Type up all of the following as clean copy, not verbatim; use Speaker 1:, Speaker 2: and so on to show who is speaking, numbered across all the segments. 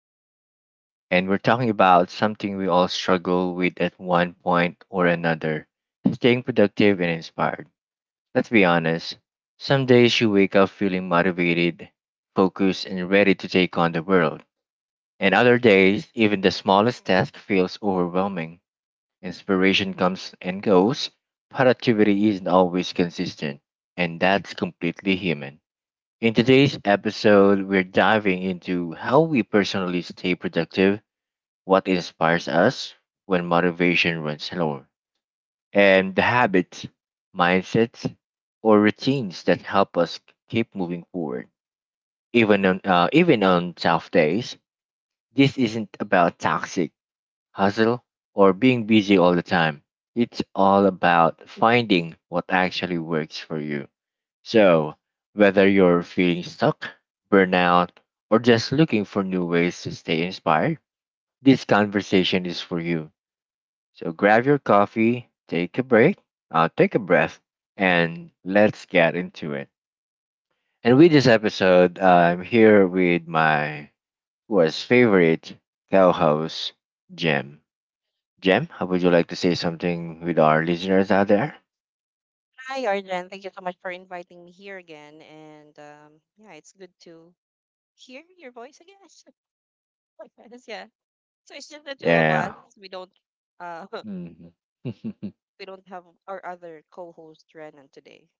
Speaker 1: Arjun, and we're talking about something we all struggle with at one point or another: staying productive and inspired. Let's be honest, some days you wake up feeling motivated, focused, and ready to take on the world. And other days, even the smallest task feels overwhelming. Inspiration comes and goes, productivity isn't always consistent, and that's completely human. In today's episode, we're diving into how we personally stay productive, what inspires us when motivation runs low, and the habits, mindsets, or routines that help us keep moving forward. Even on tough days, this isn't about toxic hustle or being busy all the time. It's all about finding what actually works for you. So, whether you're feeling stuck, burnout, or just looking for new ways to stay inspired, this conversation is for you. So, grab your coffee, take a break, take a breath, and let's get into it. And with this episode, I'm here with my was favorite co host, Jem. Jem, how would you like to say something with our listeners out there?
Speaker 2: Hi, Arjen. Thank you so much for inviting me here again. And yeah, it's good to hear your voice again. Yes, yeah. So it's just the two of
Speaker 1: Yeah.
Speaker 2: us. We don't uh
Speaker 1: Mhm.
Speaker 2: we don't have our other co-host Renan today.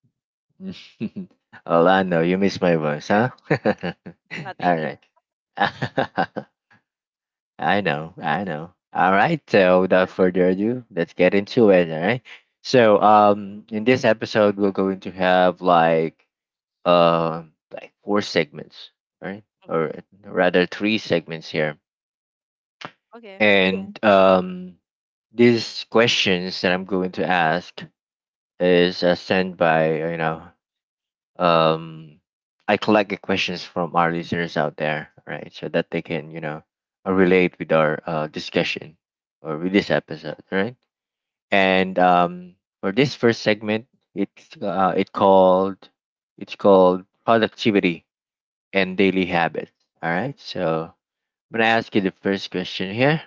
Speaker 1: Orlando, you miss my voice,
Speaker 2: Yeah,
Speaker 1: huh?
Speaker 2: not
Speaker 1: All
Speaker 2: really.
Speaker 1: right. I know, I know. All right. So without further ado, let's get into it. All right. So, in this episode, we're going to have like four segments, all right,
Speaker 2: hmm
Speaker 1: or rather three segments here.
Speaker 2: Okay.
Speaker 1: And These questions that I'm going to ask is sent by um I collect the questions from our listeners out there, right? So that they can, you know, relate with our discussion or with this episode, right? And For this first segment, it's uh, it called it's called productivity and daily habits. All right, so I'm gonna ask you the first question here.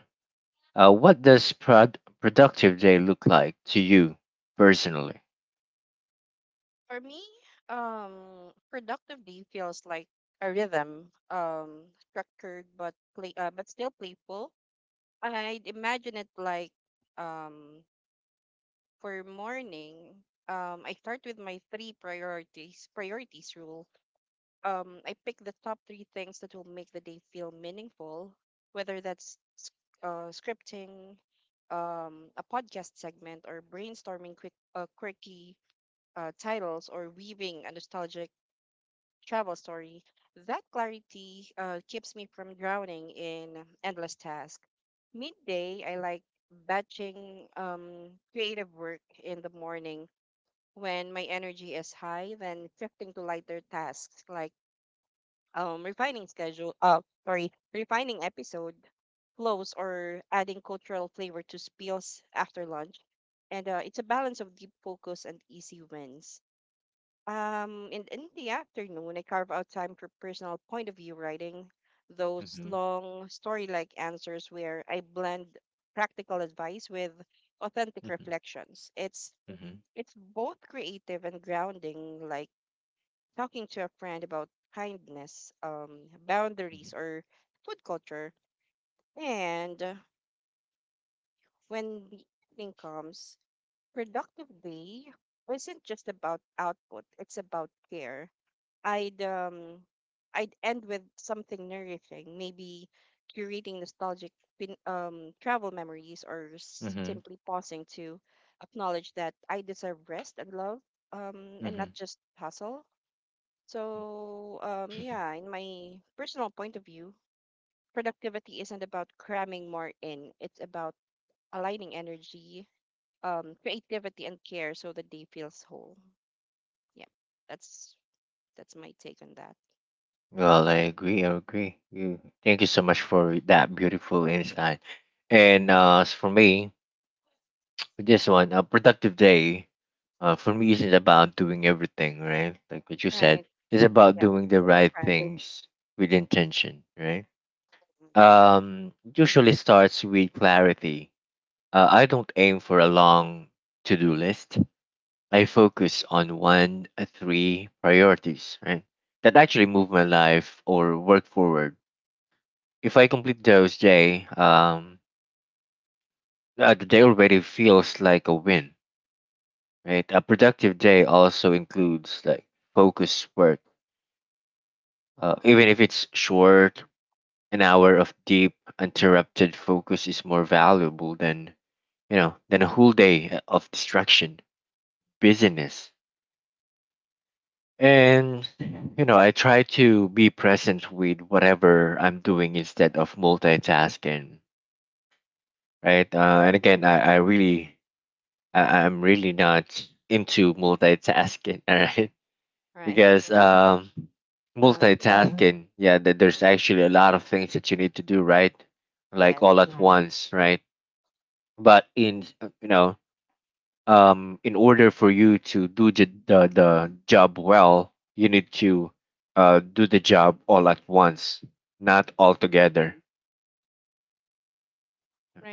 Speaker 1: What does productive day look like to you personally?
Speaker 2: For me, productive day feels like a rhythm, but still playful. I'd imagine it like um for morning, I start with my three priorities rule. I pick the top three things that will make the day feel meaningful, whether that's scripting, a podcast segment, or brainstorming quick, quirky titles, or weaving a nostalgic travel story. That clarity keeps me from drowning in endless tasks. Midday, I like batching creative work in the morning when my energy is high, then shifting to lighter tasks like um refining schedule, uh, refining episode flows or adding cultural flavor to spills after lunch. And it's a balance of deep focus and easy wins. And in the afternoon, I carve out time for personal point of view writing, those
Speaker 1: Mm-hmm,
Speaker 2: long story-like answers where I blend practical advice with authentic
Speaker 1: mm-hmm,
Speaker 2: reflections. It's
Speaker 1: mm-hmm,
Speaker 2: it's both creative and grounding, like talking to a friend about kindness, boundaries, or food culture. And when the evening comes, productive day isn't just about output, it's about care. I'd um I'd end with something nourishing, maybe curating nostalgic travel memories or
Speaker 1: mm-hmm,
Speaker 2: simply pausing to acknowledge that I deserve rest and love and not
Speaker 1: mm-hmm.
Speaker 2: just hustle. So, yeah, in my personal point of view, productivity isn't about cramming more in. It's about aligning energy, creativity, and care so the day feels whole. Yeah, that's that's my take on that.
Speaker 1: Well, I agree. I agree. You- Thank you so much for that beautiful insight. And as for me, with this one, a productive day, for me isn't about doing everything, right? Like what you
Speaker 2: All
Speaker 1: said,
Speaker 2: right.
Speaker 1: it's
Speaker 2: Mm-hmm.
Speaker 1: about
Speaker 2: Yeah,
Speaker 1: doing the
Speaker 2: no
Speaker 1: right
Speaker 2: cramming.
Speaker 1: things with intention, right?
Speaker 2: Mhm.
Speaker 1: Usually starts with clarity. I don't aim for a long to-do list. I focus on one, three priorities, right? That actually move my life or work forward if I complete those day, the day already feels like a win, right? A productive day also includes like focus work,
Speaker 2: Oh.
Speaker 1: even if it's short. An hour of deep, uninterrupted focus is more valuable than you know than a whole day of distraction, busyness. And you know, I try to be present with whatever I'm doing instead of multitasking, right? And again,
Speaker 2: Mhm.
Speaker 1: I really I'm really not into multitasking. All right,
Speaker 2: Right.
Speaker 1: because
Speaker 2: Uh,
Speaker 1: multitasking, yeah, there's actually a lot of things that you need to do, right? Like
Speaker 2: yes.
Speaker 1: all at once, right? But in you know, in order for you to do the job well, you need to do the job all at once, not all together,
Speaker 2: Right.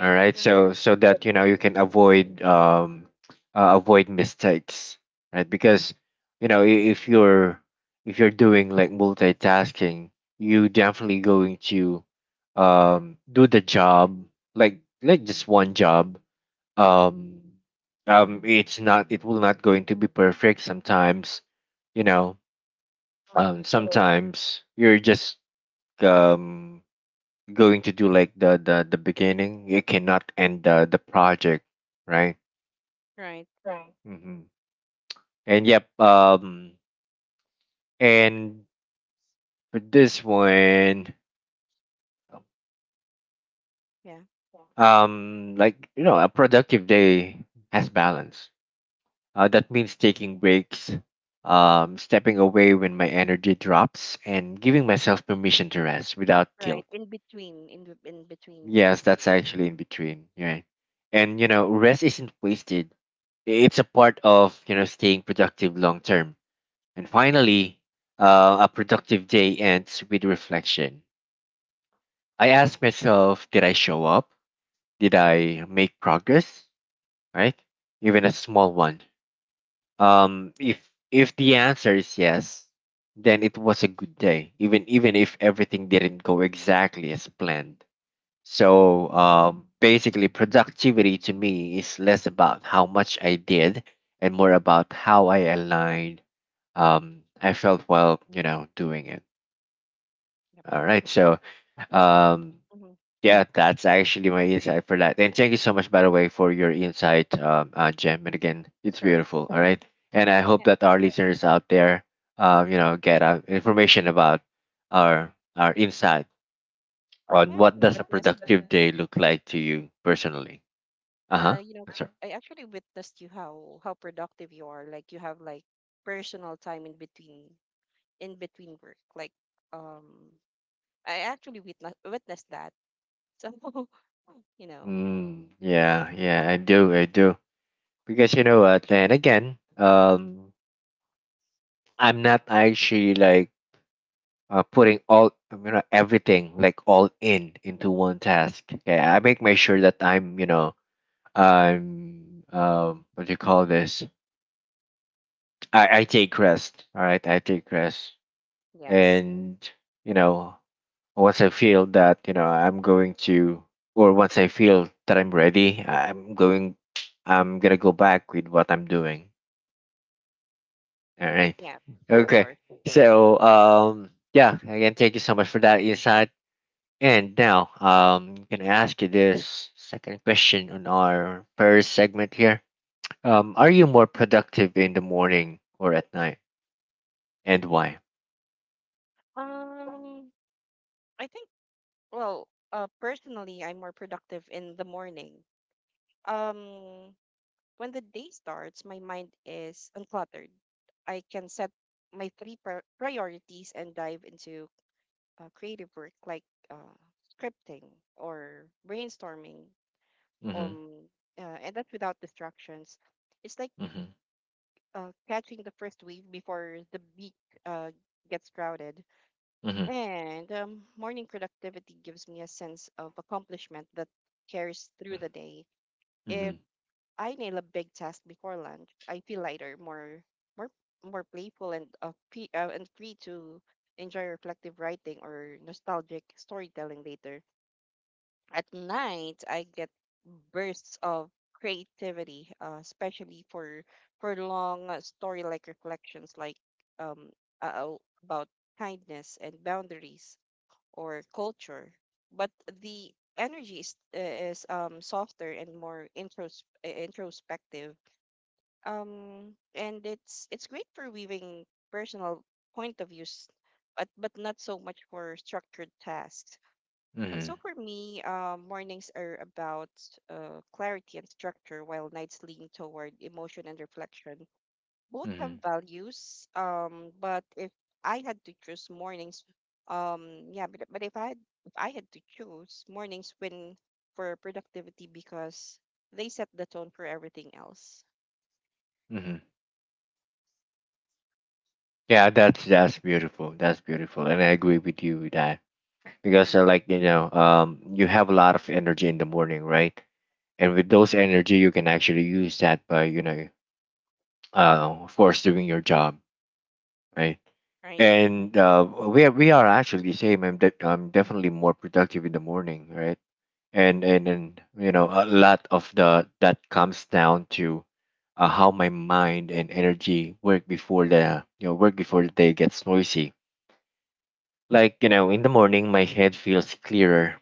Speaker 1: all right? So
Speaker 2: That's
Speaker 1: so
Speaker 2: right.
Speaker 1: that you know you can avoid avoid mistakes, right? Because you know, if you're doing like multitasking, you definitely going to do the job like just one job, um it's not, it will not going to be perfect sometimes, you know.
Speaker 2: Mm-hmm.
Speaker 1: Um, sometimes you're just um going to do like the beginning, you cannot end the project, right?
Speaker 2: Right.
Speaker 1: Hmm. And yep, um, and for this one,
Speaker 2: Yeah.
Speaker 1: um, like you know, a productive day has balance, that means taking breaks, stepping away when my energy drops and giving myself permission to rest without
Speaker 2: Right.
Speaker 1: guilt.
Speaker 2: In between. In the- in between.
Speaker 1: Yes, that's actually in between, right? And you know rest isn't wasted, it's a part of you know staying productive long term. And finally, a productive day ends with reflection. I
Speaker 2: Mm-hmm.
Speaker 1: ask myself, did I show up? Did I make progress? Right? Even a small one. Um, if if the answer is yes, then it was a good day, even even if everything didn't go exactly as planned. So basically, productivity to me is less about how much I did and more about how I aligned. I felt while you know doing it.
Speaker 2: Yep.
Speaker 1: All right. So,
Speaker 2: I think.
Speaker 1: um,
Speaker 2: Mm-hmm.
Speaker 1: yeah, that's actually my insight for that. And thank you so much, by the way, for your insight, Jem. And again, it's
Speaker 2: Sure.
Speaker 1: beautiful. All right. And I hope
Speaker 2: Yeah,
Speaker 1: that our listeners out there, you know, get information about our insight
Speaker 2: I
Speaker 1: on what
Speaker 2: actually
Speaker 1: does a
Speaker 2: witnessed,
Speaker 1: productive day look like to you personally. Uh huh.
Speaker 2: you know,
Speaker 1: That's right.
Speaker 2: I actually witnessed you how productive you are. Like you have like personal time in between work. Like um, I actually witnessed that. So you know,
Speaker 1: Mm, yeah, yeah, I do. Because you know what, and again, I'm not actually like putting all you know everything like all in into one task. Okay, I make my sure that I'm you know I'm what do you call this? I take rest. All right, I take rest,
Speaker 2: yes,
Speaker 1: and you know once I feel that you know I'm going to or once I feel that I'm ready, I'm going. I'm gonna go back with what I'm doing. All right.
Speaker 2: yeah, of
Speaker 1: Okay.
Speaker 2: course.
Speaker 1: So yeah, again, thank you so much for that insight. And now, I'm gonna ask you this second question on our first segment here. Are you more productive in the morning or at night, and why?
Speaker 2: Um, I think well, personally, I'm more productive in the morning. Um, When the day starts, my mind is uncluttered. I can set my priorities and dive into creative work like uh, scripting or brainstorming.
Speaker 1: Mm-hmm.
Speaker 2: Um, and that's without distractions. It's like
Speaker 1: Mm-hmm.
Speaker 2: catching the first wave before the beak uh, gets crowded.
Speaker 1: Mm-hmm.
Speaker 2: And morning productivity gives me a sense of accomplishment that carries through the day. If
Speaker 1: Mm-hmm.
Speaker 2: I nail a big task before lunch, I feel lighter, more more playful and free, and free to enjoy reflective writing or nostalgic storytelling later. At night, I get bursts of creativity, especially for long story like reflections like um uh, about kindness and boundaries or culture. But the energy is, softer and more introspective and it's great for weaving personal point of views, but not so much for structured tasks. And
Speaker 1: Mm-hmm.
Speaker 2: so for me, mornings are about clarity and structure, while nights lean toward emotion and reflection. Both
Speaker 1: Mm-hmm.
Speaker 2: have values, but if I had to choose mornings yeah but if I had, if I had to choose, mornings win for productivity because they set the tone for everything else.
Speaker 1: Mm-hmm. Yeah, that's beautiful. That's beautiful, and I agree with you with that because,
Speaker 2: Hmm.
Speaker 1: like you know, you have a lot of energy in the morning, right? And with those energy, you can actually use that by you know, of course, doing your job, right?
Speaker 2: Right.
Speaker 1: And we are actually the same. I'm definitely more productive in the morning, right? And you know a lot of the that comes down to how my mind and energy work before the you know work before the day gets noisy. Like, you know, in the morning, my head feels clearer.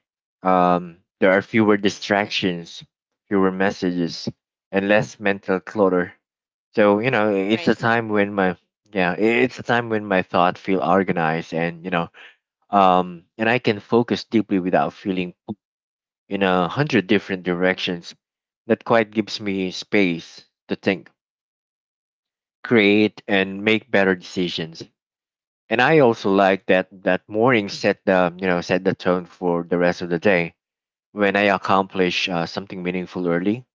Speaker 1: There are fewer distractions, fewer messages, and less mental clutter. So, you know, it's
Speaker 2: Right.
Speaker 1: a time
Speaker 2: Hmm.
Speaker 1: when my yeah, it's a time when my thoughts feel organized and, you know, and I can focus deeply without feeling pulled in a hundred different directions. That quite gives me space to think, create, and make better decisions. And I also like that morning set the you know set the tone for the rest of the day. When I accomplish something meaningful early,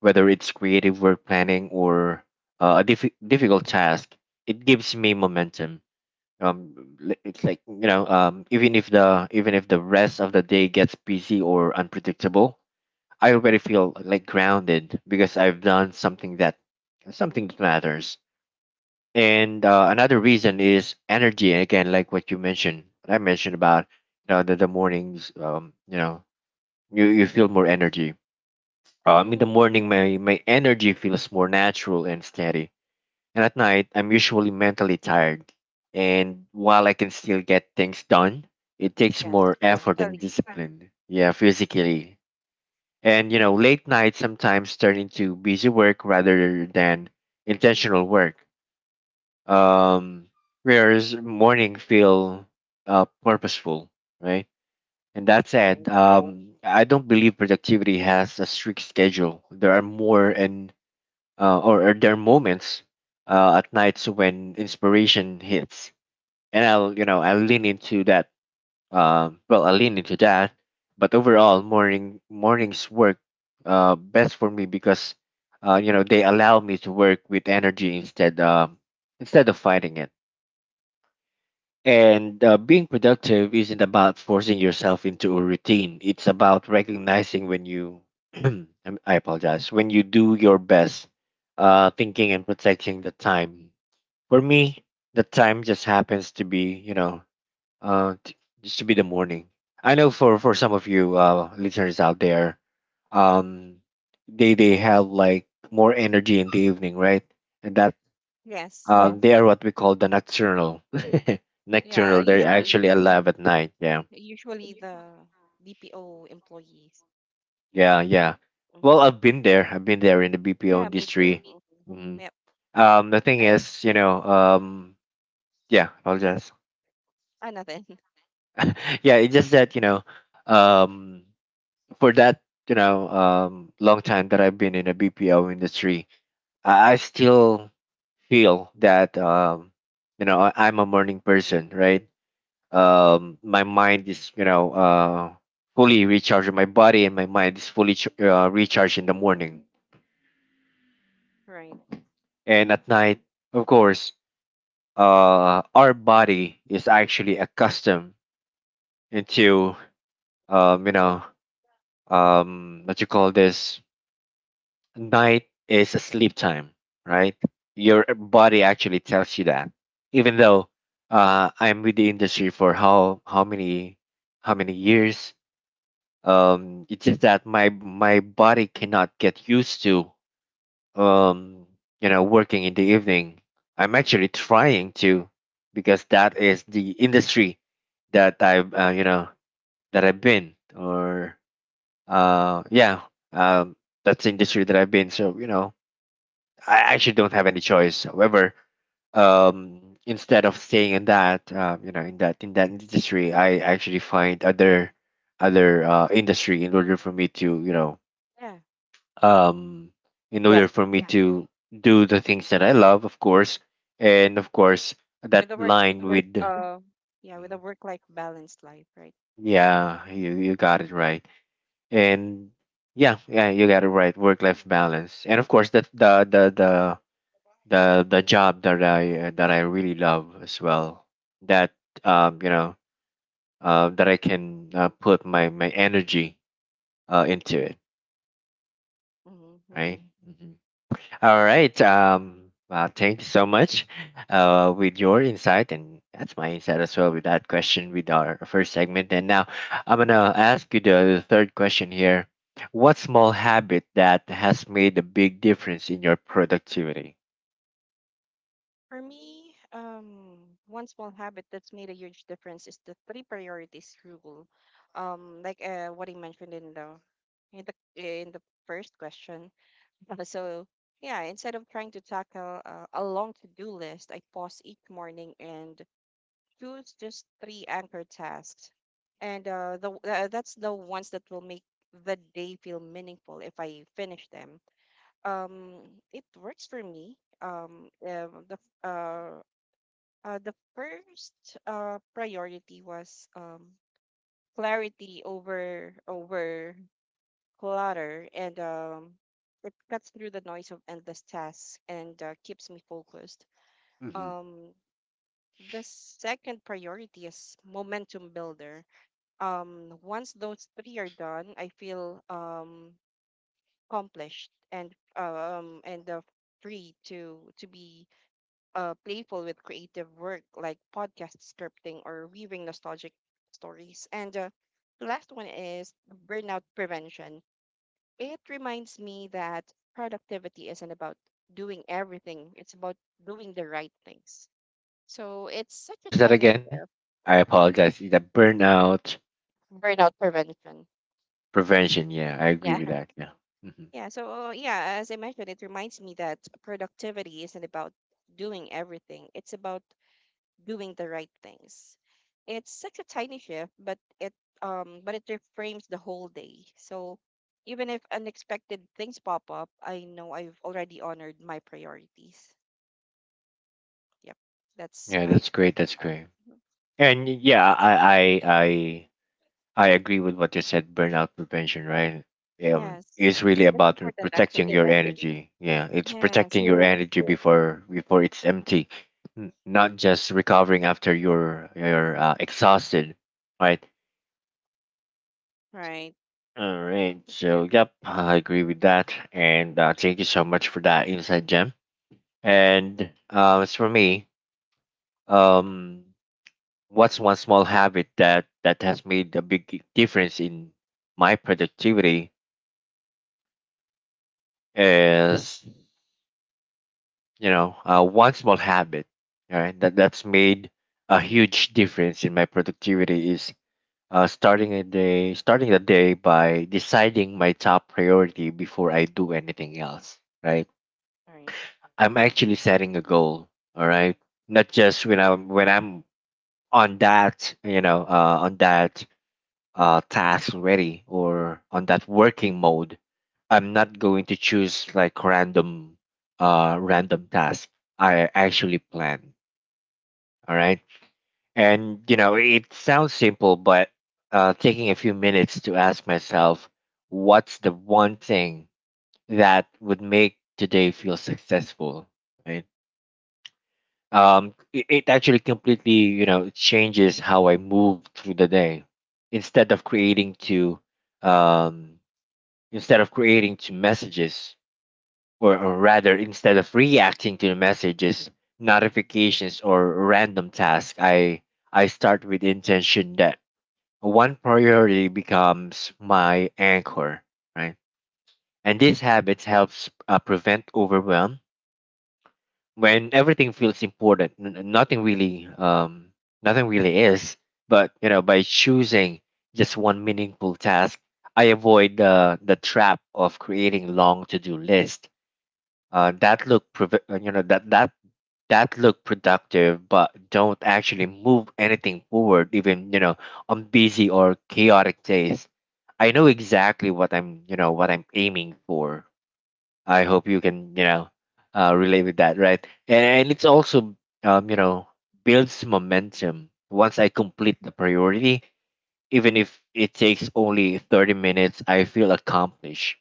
Speaker 1: whether it's creative work planning or a difficult task, it gives me momentum. It's like you know, even if the rest of the day gets busy or unpredictable, I already feel like grounded because I've done something that matters. And another reason is energy. And again, like what you mentioned what I mentioned about you know the mornings, you know you, you feel more energy in the
Speaker 2: Mm,
Speaker 1: morning. My energy feels more natural and steady, and at night I'm usually mentally tired, and while I can still get things done, it takes
Speaker 2: yes,
Speaker 1: more effort and
Speaker 2: physically.
Speaker 1: discipline. Yeah, physically. And you know late nights sometimes turn into busy work rather than intentional work. Um, prayers morning feel purposeful, right? And that
Speaker 2: Right.
Speaker 1: said, um, I don't believe productivity has a strict schedule. There are more and or there are moments at nights when inspiration hits, and I'll you know I lean into that, um, well I lean into that. But overall morning, mornings work best for me because you know they allow me to work with energy instead instead of fighting it. And being productive isn't about forcing yourself into a routine. It's about recognizing when you, I'm- I apologize, when you do your best, thinking and protecting the time. For me, the time just happens to be, you know, uh, t- just to be the morning. I know for some of you listeners out there, um, they have like more energy in the evening, right? And that
Speaker 2: Yes.
Speaker 1: yeah, they are what we call the nocturnal.
Speaker 2: Yeah.
Speaker 1: Nocturnal. They're
Speaker 2: Usually,
Speaker 1: actually alive at night. Yeah.
Speaker 2: usually the BPO employees.
Speaker 1: Yeah. Yeah.
Speaker 2: Hmm.
Speaker 1: Well, I've been there. I've been there in the BPO
Speaker 2: Yeah, me too.
Speaker 1: industry.
Speaker 2: Hmm.
Speaker 1: Mhm.
Speaker 2: Yep.
Speaker 1: The thing
Speaker 2: I,
Speaker 1: is, you know, yeah, apologize.
Speaker 2: I nothing.
Speaker 1: Yeah, it's just that, you know, um, for that, you know, long time that I've been in the BPO industry, I still feel that, you know, I'm a morning person, right? My mind is, you know, fully recharging. My body and my mind is fully recharged in the morning,
Speaker 2: Right.
Speaker 1: and at night, of course, our body is actually accustomed into, you know, what you call this, night is a sleep time, right? Your body actually tells you that. Even though I'm with the industry for how many how many years, it's just that my body cannot get used to, um you know, working in the evening. I'm actually trying to, because that is the industry that I've that I've been, or uh yeah um that's the industry that I've been. So you know, I actually don't have any choice. However, instead of staying in that, in that industry, I actually find other industry in order for me to,
Speaker 2: Yeah.
Speaker 1: um, in
Speaker 2: Yeah.
Speaker 1: order for me to do the things that I love, of course, and of course that
Speaker 2: With the work,
Speaker 1: line
Speaker 2: work.
Speaker 1: with.
Speaker 2: Yeah. With
Speaker 1: Mm.
Speaker 2: a work-life balanced life. Right.
Speaker 1: Yeah, you got it right, and yeah, yeah, you got it right, work life balance, and of course that the job that I really love as well, that, um you know that I can put my energy into it,
Speaker 2: Hmm.
Speaker 1: right?
Speaker 2: Right.
Speaker 1: All right. Well, thank you so much with your insight, and that's my insight as well with that question with our first segment. And now I'm going to ask you the third question here. What small habit that has made a big difference in your productivity?
Speaker 2: For me, one small habit that's made a huge difference is the three priorities rule. Like what I mentioned in the in the first question. So yeah, instead of trying to tackle a long to-do list, I pause each morning and choose just three anchor tasks, and the that's the ones that will make the day feel meaningful if I finish them. It works for me. Um, uh, the f- uh, the first priority was clarity over clutter, and it cuts through the noise of endless tasks and keeps me focused.
Speaker 1: Hmm.
Speaker 2: Um, the second priority is momentum builder. Once those three are done, I feel accomplished and free to be playful with creative work like podcast scripting or weaving nostalgic stories. And the last one is burnout prevention. It reminds me that productivity isn't about doing everything, it's about doing the right things. So it's such a
Speaker 1: What is that
Speaker 2: tiny
Speaker 1: again?
Speaker 2: share
Speaker 1: I apologize. The burnout
Speaker 2: of burnout prevention.
Speaker 1: prevention. Yeah, I agree with
Speaker 2: Yeah.
Speaker 1: that. Yeah. Hmm.
Speaker 2: Yeah. So, yeah, as I mentioned, it reminds me that productivity isn't about doing everything, it's about doing the right things. It's such a tiny shift, but it reframes the whole day. So even if unexpected things pop up, I know I've already honored my priorities. Yep, that's
Speaker 1: Yeah,
Speaker 2: my
Speaker 1: that's
Speaker 2: take
Speaker 1: great.
Speaker 2: on
Speaker 1: That's
Speaker 2: that.
Speaker 1: great.
Speaker 2: Mhm.
Speaker 1: And yeah, I I agree with what you said. Burnout prevention, right? Yeah.
Speaker 2: Yes,
Speaker 1: It's really
Speaker 2: that's
Speaker 1: about
Speaker 2: important
Speaker 1: protecting
Speaker 2: actually.
Speaker 1: your energy. Yeah, it's
Speaker 2: Yes,
Speaker 1: protecting your
Speaker 2: correct.
Speaker 1: energy before it's empty, not just recovering after you're exhausted, right?
Speaker 2: Right,
Speaker 1: All right.
Speaker 2: I
Speaker 1: So
Speaker 2: agree.
Speaker 1: yep, I agree with that, and thank you so much for that insight, Gem. And as for me, um, what's one small habit that has made a big difference in my productivity? Is, you know, one small habit, all right, that's made a huge difference in my productivity is starting the day by deciding my top priority before I do anything else, right?
Speaker 2: Right.
Speaker 1: I'm actually setting a goal, all right, not just when I'm on that, you know, on that task ready or on that working mode. I'm not going to choose like random task. I actually plan. All right. And you know, it sounds simple, but taking a few minutes to ask myself, what's the one thing that would make today feel successful? Right. It actually completely, you know, changes how I move through the day. Instead of creating to um, Instead of creating two messages, or rather, instead of reacting to the messages, notifications, or random tasks, I start with intention. That one priority becomes my anchor, right? And this habit helps prevent overwhelm. When everything feels important, nothing really, nothing really is. But you know, by choosing just one meaningful task, I avoid the trap of creating long to do lists that you know, that that look productive but don't actually move anything forward. Even, you know, on busy or chaotic days, I know exactly what I'm what I'm aiming for. I hope you can, you know, relate with that, right? And it's also, you know, builds momentum once I complete the priority. Even if it takes only 30 minutes, I feel accomplished.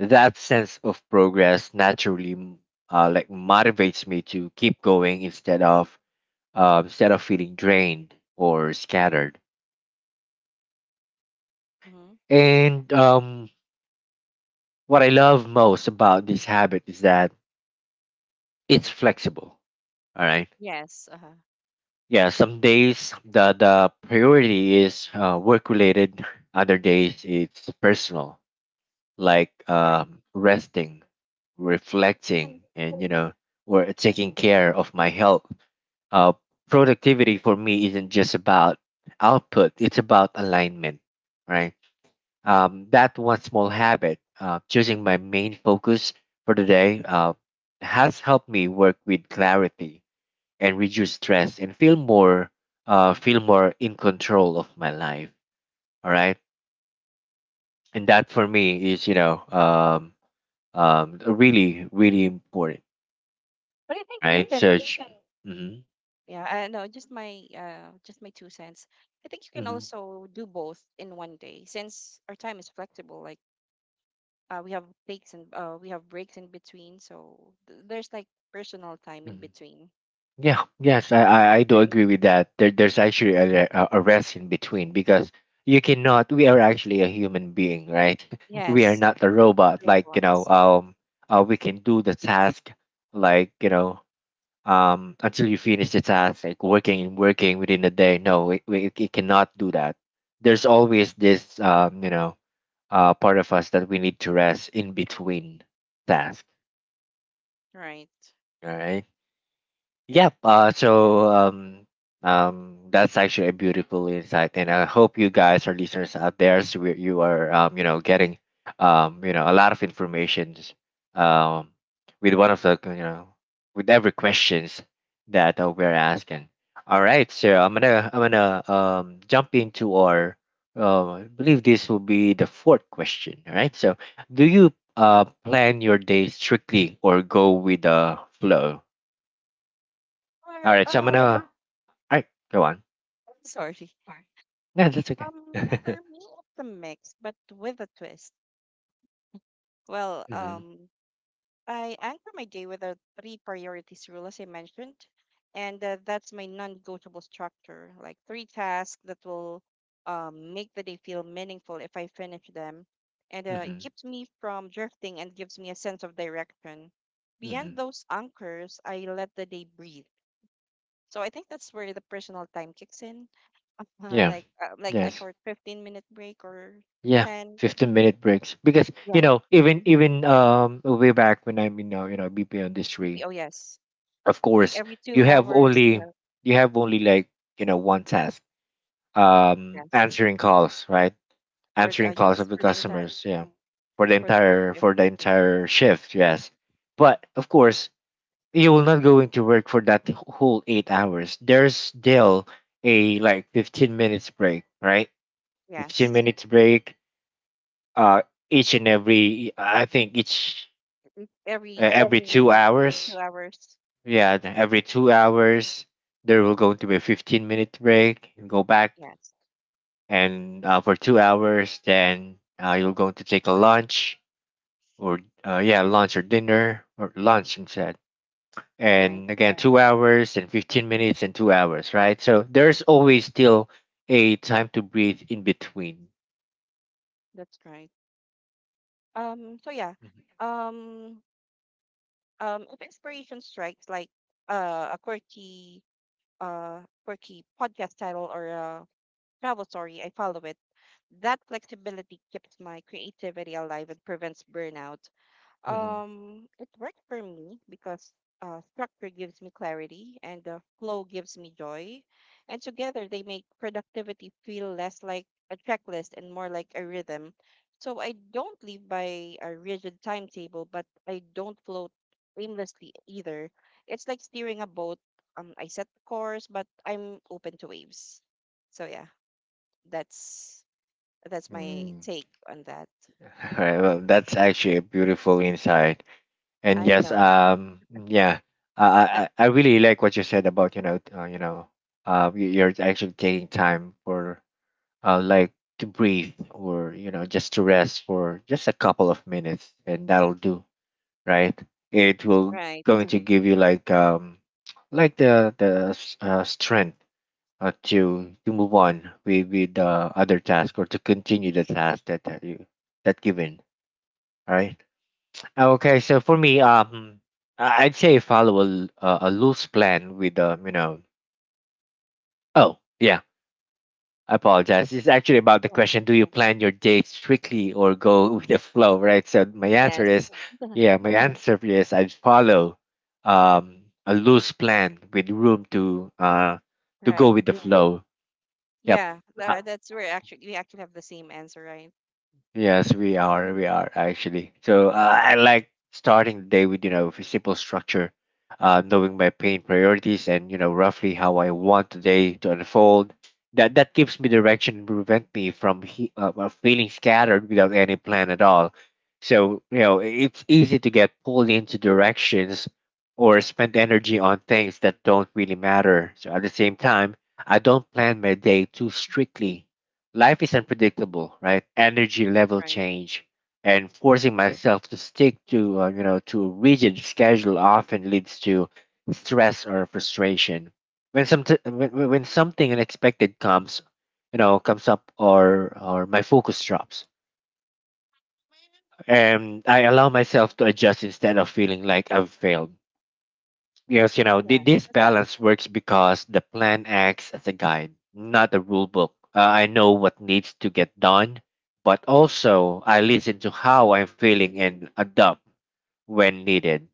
Speaker 1: That sense of progress naturally like motivates me to keep going instead of, instead of feeling drained or scattered.
Speaker 2: Mm-hmm.
Speaker 1: And what I love most about this habit is that it's flexible, all right?
Speaker 2: Yes. Uh huh.
Speaker 1: Yeah, some days the priority is work related, other days it's personal, like
Speaker 2: Right. Mhm.
Speaker 1: resting,
Speaker 2: And,
Speaker 1: reflecting, and you know, or taking care of my health. Uh, productivity for me isn't just about output, it's about alignment, right? That one small habit, choosing my main focus for the day, has helped me work with clarity and reduce stress and feel more, feel more in control of my life. All right, and that for me is, you know, really really important,
Speaker 2: but I think you
Speaker 1: right? So,
Speaker 2: can.
Speaker 1: mm-hmm,
Speaker 2: Yeah. I know. Just my two cents. I think you can
Speaker 1: mm-hmm,
Speaker 2: also do both in one day since our time is flexible. Like we have breaks in between, so there's like personal time in
Speaker 1: mm-hmm.
Speaker 2: between.
Speaker 1: Yeah, yes,
Speaker 2: Mhm.
Speaker 1: I do
Speaker 2: Right.
Speaker 1: agree with that. There's
Speaker 2: Mhm.
Speaker 1: actually a, a rest in between, because you cannot. We are actually a human being, right? We are
Speaker 2: Yes.
Speaker 1: not a robot. Like you know,
Speaker 2: Robots.
Speaker 1: we can do the task, like you know, until you finish the task, like working and working within a day. No, we cannot do that. There's always this, you know, part of us that we need to rest in between tasks.
Speaker 2: Right.
Speaker 1: All right. Yep. So that's actually a beautiful insight, and I hope you guys, our listeners out there, so you are, you know, getting, you know, a lot of information, um, with one of the, you know, with every questions that we're asking. All right, so I'm gonna jump into our. I believe this will be the fourth question. All right, so do you plan your day strictly or go with the flow? All
Speaker 2: Or
Speaker 1: right, so I'm gonna, all right, go on.
Speaker 2: sorry.
Speaker 1: No, that's okay.
Speaker 2: For me, it's a mix, but with a twist. Well,
Speaker 1: Hmm.
Speaker 2: I anchor my day with the three priorities rule, as I mentioned, and that's my non-negotiable structure. Like three tasks that will make the day feel meaningful if I finish them, and it
Speaker 1: Hmm.
Speaker 2: keeps me from drifting and gives me a sense of direction. Beyond
Speaker 1: Hmm.
Speaker 2: those anchors, I let the day breathe. So I think that's where the personal time kicks in.
Speaker 1: Yeah.
Speaker 2: Like a
Speaker 1: Yes.
Speaker 2: short 15-minute break or
Speaker 1: Yeah.
Speaker 2: 10.
Speaker 1: 15 minute breaks, because you
Speaker 2: Yep.
Speaker 1: know, even
Speaker 2: Mm,
Speaker 1: even um way back when I'm in, you know, BPO industry,
Speaker 2: oh yes,
Speaker 1: of
Speaker 2: like
Speaker 1: course,
Speaker 2: every
Speaker 1: you
Speaker 2: two
Speaker 1: have
Speaker 2: hours you
Speaker 1: only,
Speaker 2: have,
Speaker 1: you have only like, you know, one task,
Speaker 2: yes,
Speaker 1: answering calls, right?
Speaker 2: for the-
Speaker 1: Answering calls
Speaker 2: yes,
Speaker 1: of the
Speaker 2: for the entire
Speaker 1: customers, yeah, for the
Speaker 2: for the whole
Speaker 1: entire,
Speaker 2: shift,
Speaker 1: for the entire shift,
Speaker 2: shift.
Speaker 1: yes. But of course, you will not going to work for that whole 8 hours. There's still a like 15 minutes break, right? Fifteen
Speaker 2: Yes.
Speaker 1: minutes break. Uh, each and every, I think each,
Speaker 2: Mm, every
Speaker 1: every two
Speaker 2: two two
Speaker 1: hours.
Speaker 2: hours.
Speaker 1: Yeah, every 2 hours there will going to be a 15 minute break. You go back,
Speaker 2: Yes,
Speaker 1: and for 2 hours, then, you're going to take a lunch, or, yeah, lunch or dinner or lunch instead,
Speaker 2: all right,
Speaker 1: and again 2 hours and 15 minutes and 2 hours, right? So there's always still a time to breathe in between.
Speaker 2: that's right. um so yeah um if inspiration strikes, like a quirky quirky podcast title or a travel story, I follow it. That flexibility keeps my creativity alive and prevents burnout.
Speaker 1: Mhm.
Speaker 2: It worked for me because structure gives me clarity and the flow gives me joy. And together they make productivity feel less like a checklist and more like a rhythm. So I don't live by a rigid timetable, but I don't float aimlessly either. It's like steering a boat. I set the course, but I'm open to waves. So yeah. That's that's my
Speaker 1: Mm.
Speaker 2: take on that.
Speaker 1: All right, well, that's actually a beautiful insight. And
Speaker 2: I
Speaker 1: yes,
Speaker 2: know.
Speaker 1: yeah, I really like what you said about, you know, you're actually taking time for, like, to breathe, or you know, just to rest for just a couple of minutes, and that'll do, right? It will
Speaker 2: Right.
Speaker 1: going to give you like, um, like the strength to move on with the other task, or to continue the task that you, that given. All right. Okay. So for me, I'd say follow a a loose plan with, um, you know, oh yeah, I apologize. It's actually about the
Speaker 2: Yeah.
Speaker 1: question: do you plan your dates strictly or go with the flow? Right. So my answer
Speaker 2: Yes.
Speaker 1: is, yeah. My answer is I follow a loose plan with room to, to go
Speaker 2: Right.
Speaker 1: with the flow. Yep.
Speaker 2: Yeah.
Speaker 1: Uh,
Speaker 2: That's where actually we actually have the same answer, right?
Speaker 1: yes, we are. We
Speaker 2: Mhm.
Speaker 1: are actually. So I like starting the day with, you know, a simple structure, knowing my pain priorities and, you know, roughly how I want the day to unfold. That gives me direction and prevent me from, feeling scattered without any plan at all. So you know, it's easy to get pulled into directions or spend energy on things that don't really matter. So at the same time, I don't plan my day too strictly. Life is unpredictable, right? Energy level
Speaker 2: Right.
Speaker 1: change, and forcing myself to stick to, to a rigid schedule, often leads to stress or frustration. When some when something unexpected comes, you know, comes up, or my focus drops, and I
Speaker 2: Uh-huh.
Speaker 1: allow myself to adjust instead of feeling like I've failed. Yes, you know,
Speaker 2: Yeah.
Speaker 1: this
Speaker 2: That's
Speaker 1: balance works because the plan acts as a guide, not a rule book. I know what needs to get done, but also I listen to how I'm feeling and adapt when needed.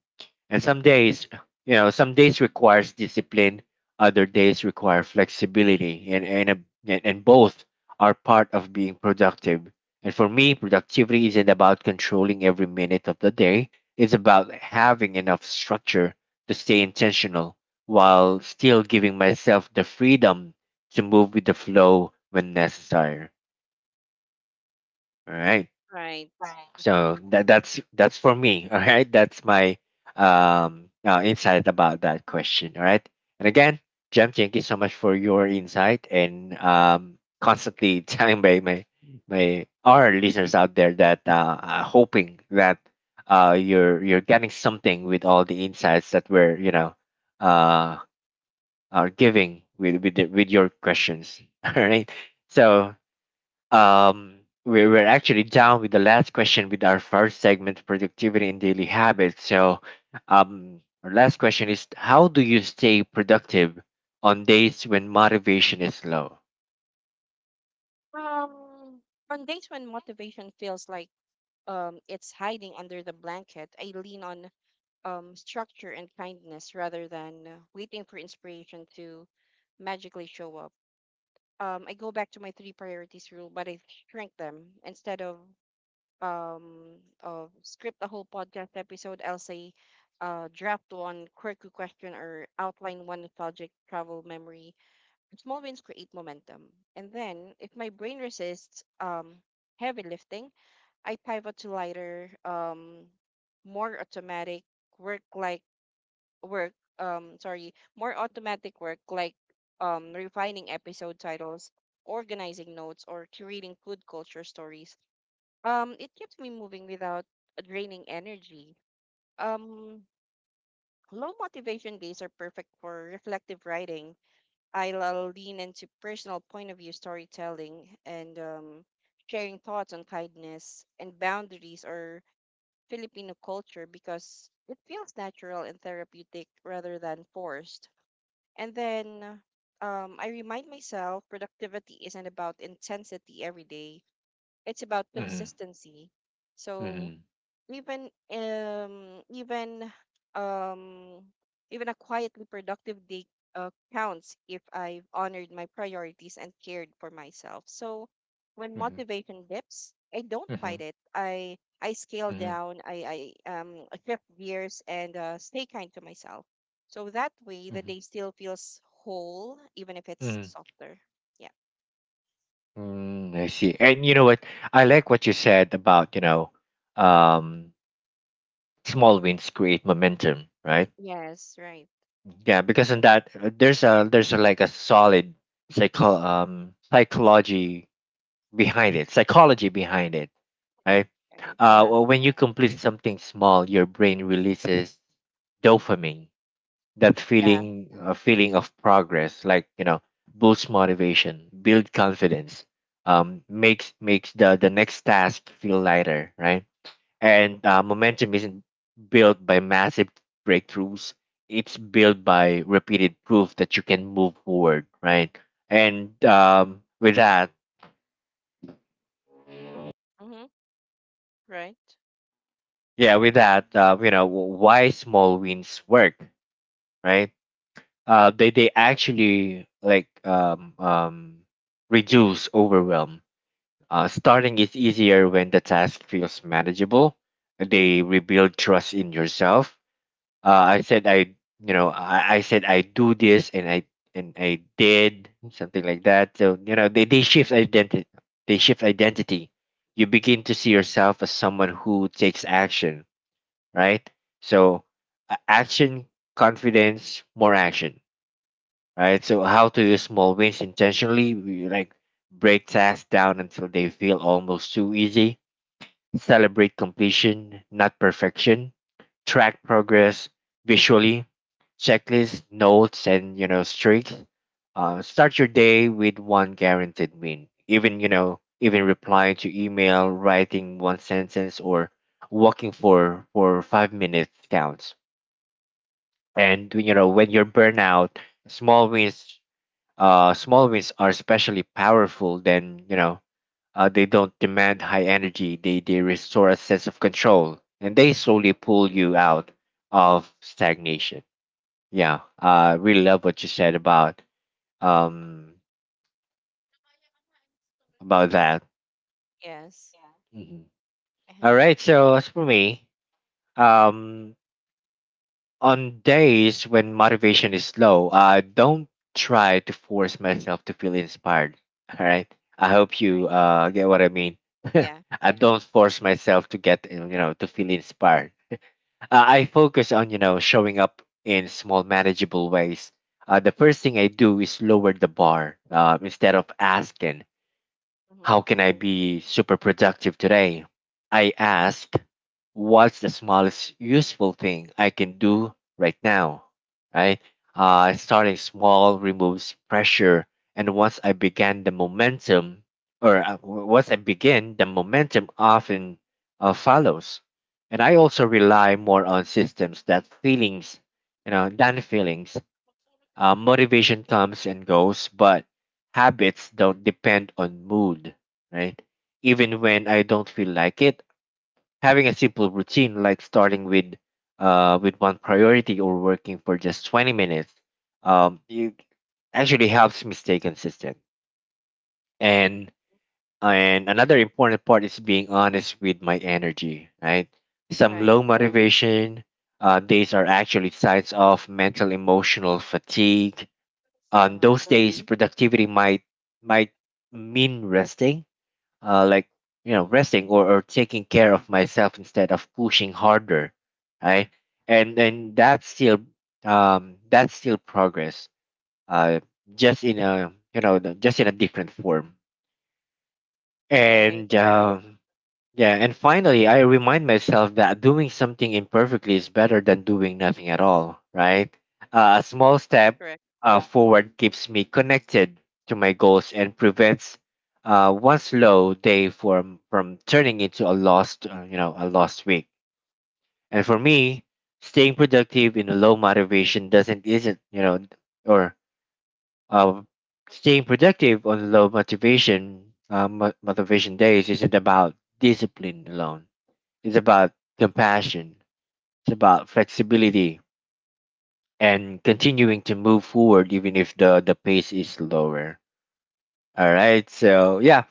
Speaker 1: And some days, you know, some days requires discipline, other days require flexibility, and, a, and and both are part of being productive. And for me, productivity isn't about controlling every minute of the day. It's about having enough structure to stay intentional while still giving myself the freedom to move with the flow when necessary. All right.
Speaker 2: right. Mhm.
Speaker 1: So that's for me. All right, that's my insight about that question. All right, and again, Jem, thank you so much for your insight and constantly telling my my, my our listeners out there that hoping that you're getting something with all the insights that we're uh are giving with your questions. All right, so we're actually down with the last question with our first segment, productivity and daily habits. So, our last question is, how do you stay productive on days when motivation is low?
Speaker 2: Um, on days when motivation feels like it's hiding under the blanket, I lean on structure and kindness rather than waiting for inspiration to magically show up. Um, I go back to my three priorities rule, but I shrink them. Instead of um script a whole podcast episode, I'll say, draft one quirky question or outline one nostalgic travel memory. Small wins create momentum, and then if my brain resists heavy lifting, I pivot to lighter, more automatic work like work um sorry more automatic work like refining episode titles, organizing notes, or curating food culture stories. It keeps me moving without draining energy. um Low motivation days are perfect for reflective writing. I'll lean into personal point of view storytelling and sharing thoughts on kindness and boundaries or Filipino culture because it feels natural and therapeutic rather than forced. And then, I remind myself productivity isn't about intensity every day, it's about
Speaker 1: Mm-hmm,
Speaker 2: consistency. So
Speaker 1: mm-hmm,
Speaker 2: even um even um even a quietly productive day counts if I've honored my priorities and cared for myself. So when
Speaker 1: mm-hmm,
Speaker 2: motivation dips, I don't
Speaker 1: mm-hmm,
Speaker 2: fight it. I scale down. I shift gears and stay kind to myself. So that way, the
Speaker 1: mm-hmm,
Speaker 2: day still feels whole, even if it's
Speaker 1: mm-hmm.
Speaker 2: softer. Yeah.
Speaker 1: Mm, I see. And you know what? I like what you said about, you know, um, small wins create momentum, right?
Speaker 2: Yes. Right.
Speaker 1: Yeah, because in that there's like a solid psychology behind it, psychology behind it, right?
Speaker 2: Right. Uh-huh.
Speaker 1: Well, when you complete something small, your brain releases dopamine. That
Speaker 2: Yeah.
Speaker 1: feeling of progress, like you know, boosts motivation, build confidence, makes the next task feel lighter, right? And momentum isn't built by massive breakthroughs. It's built by repeated proof that you can move forward, right? And with that,
Speaker 2: Mm-hmm. Right.
Speaker 1: yeah, with that, you know, why small wins work, right? They actually, like reduce overwhelm. Starting is easier when the task feels manageable. They rebuild trust in yourself. uh, I said I said I do this and I did something like that. So you know, they shift identity. They shift identity. You begin to see yourself as someone who takes action, right? So action, confidence, more action, right? So how to use small wins intentionally, we, like, break tasks down until they feel almost too easy. Celebrate completion, not perfection. Track progress visually, checklists, notes, and you know, streaks. Start your day with one guaranteed win. Even you know, even replying to email, writing one sentence, or walking for 5 minutes counts. And you know, when you're burnout, small wins, small wins are especially powerful. Then you know, they don't demand high energy. They restore a sense of control and they slowly pull you out of stagnation. Yeah, I really love what you said um about that.
Speaker 2: Yes.
Speaker 1: Mhm. All right, so as for me, um, on days when motivation is low, I don't try to force myself to feel inspired. All right, I hope you
Speaker 2: Right.
Speaker 1: get what I mean.
Speaker 2: Yeah.
Speaker 1: I don't
Speaker 2: Mhm.
Speaker 1: force myself to get, you know, to feel inspired. I focus on, you know, showing up in small manageable ways. The first thing I do is lower the bar, instead of asking,
Speaker 2: Mhm.
Speaker 1: how can I be super productive today? I ask, what's the smallest useful thing I can do right now? Right? Starting small removes pressure. And once I begin, the momentum often follows. And I also rely more on systems that feelings, you know, than feelings. Motivation comes and goes, but habits don't depend on mood, right? Even when I don't feel like it, having a simple routine like starting with one priority or working for just 20 minutes you actually helps me stay consistent. And and another important part is being honest with my energy, right? Some
Speaker 2: Right.
Speaker 1: low motivation days are actually signs of mental emotional fatigue. On
Speaker 2: Uh-huh.
Speaker 1: those days, mm-hmm, productivity might mean resting, uh, like you know,
Speaker 2: Mhm.
Speaker 1: resting, or taking care of myself instead of pushing harder, right? And that's still, that's still progress, uh just in a, you know, just in a different form.
Speaker 2: Right.
Speaker 1: And, right, yeah, and finally, I remind myself that doing something imperfectly is better than doing nothing at all, right? A small
Speaker 2: That's
Speaker 1: step
Speaker 2: correct.
Speaker 1: forward keeps me connected to my goals and prevents one slow day from turning into a lost, you know, a lost week. And for me, staying productive in a low motivation doesn't isn't you know, or uh, staying productive on low motivation motivation days isn't about discipline alone. It's about compassion. It's about flexibility and continuing to move forward even if the pace is slower. All right. So yeah,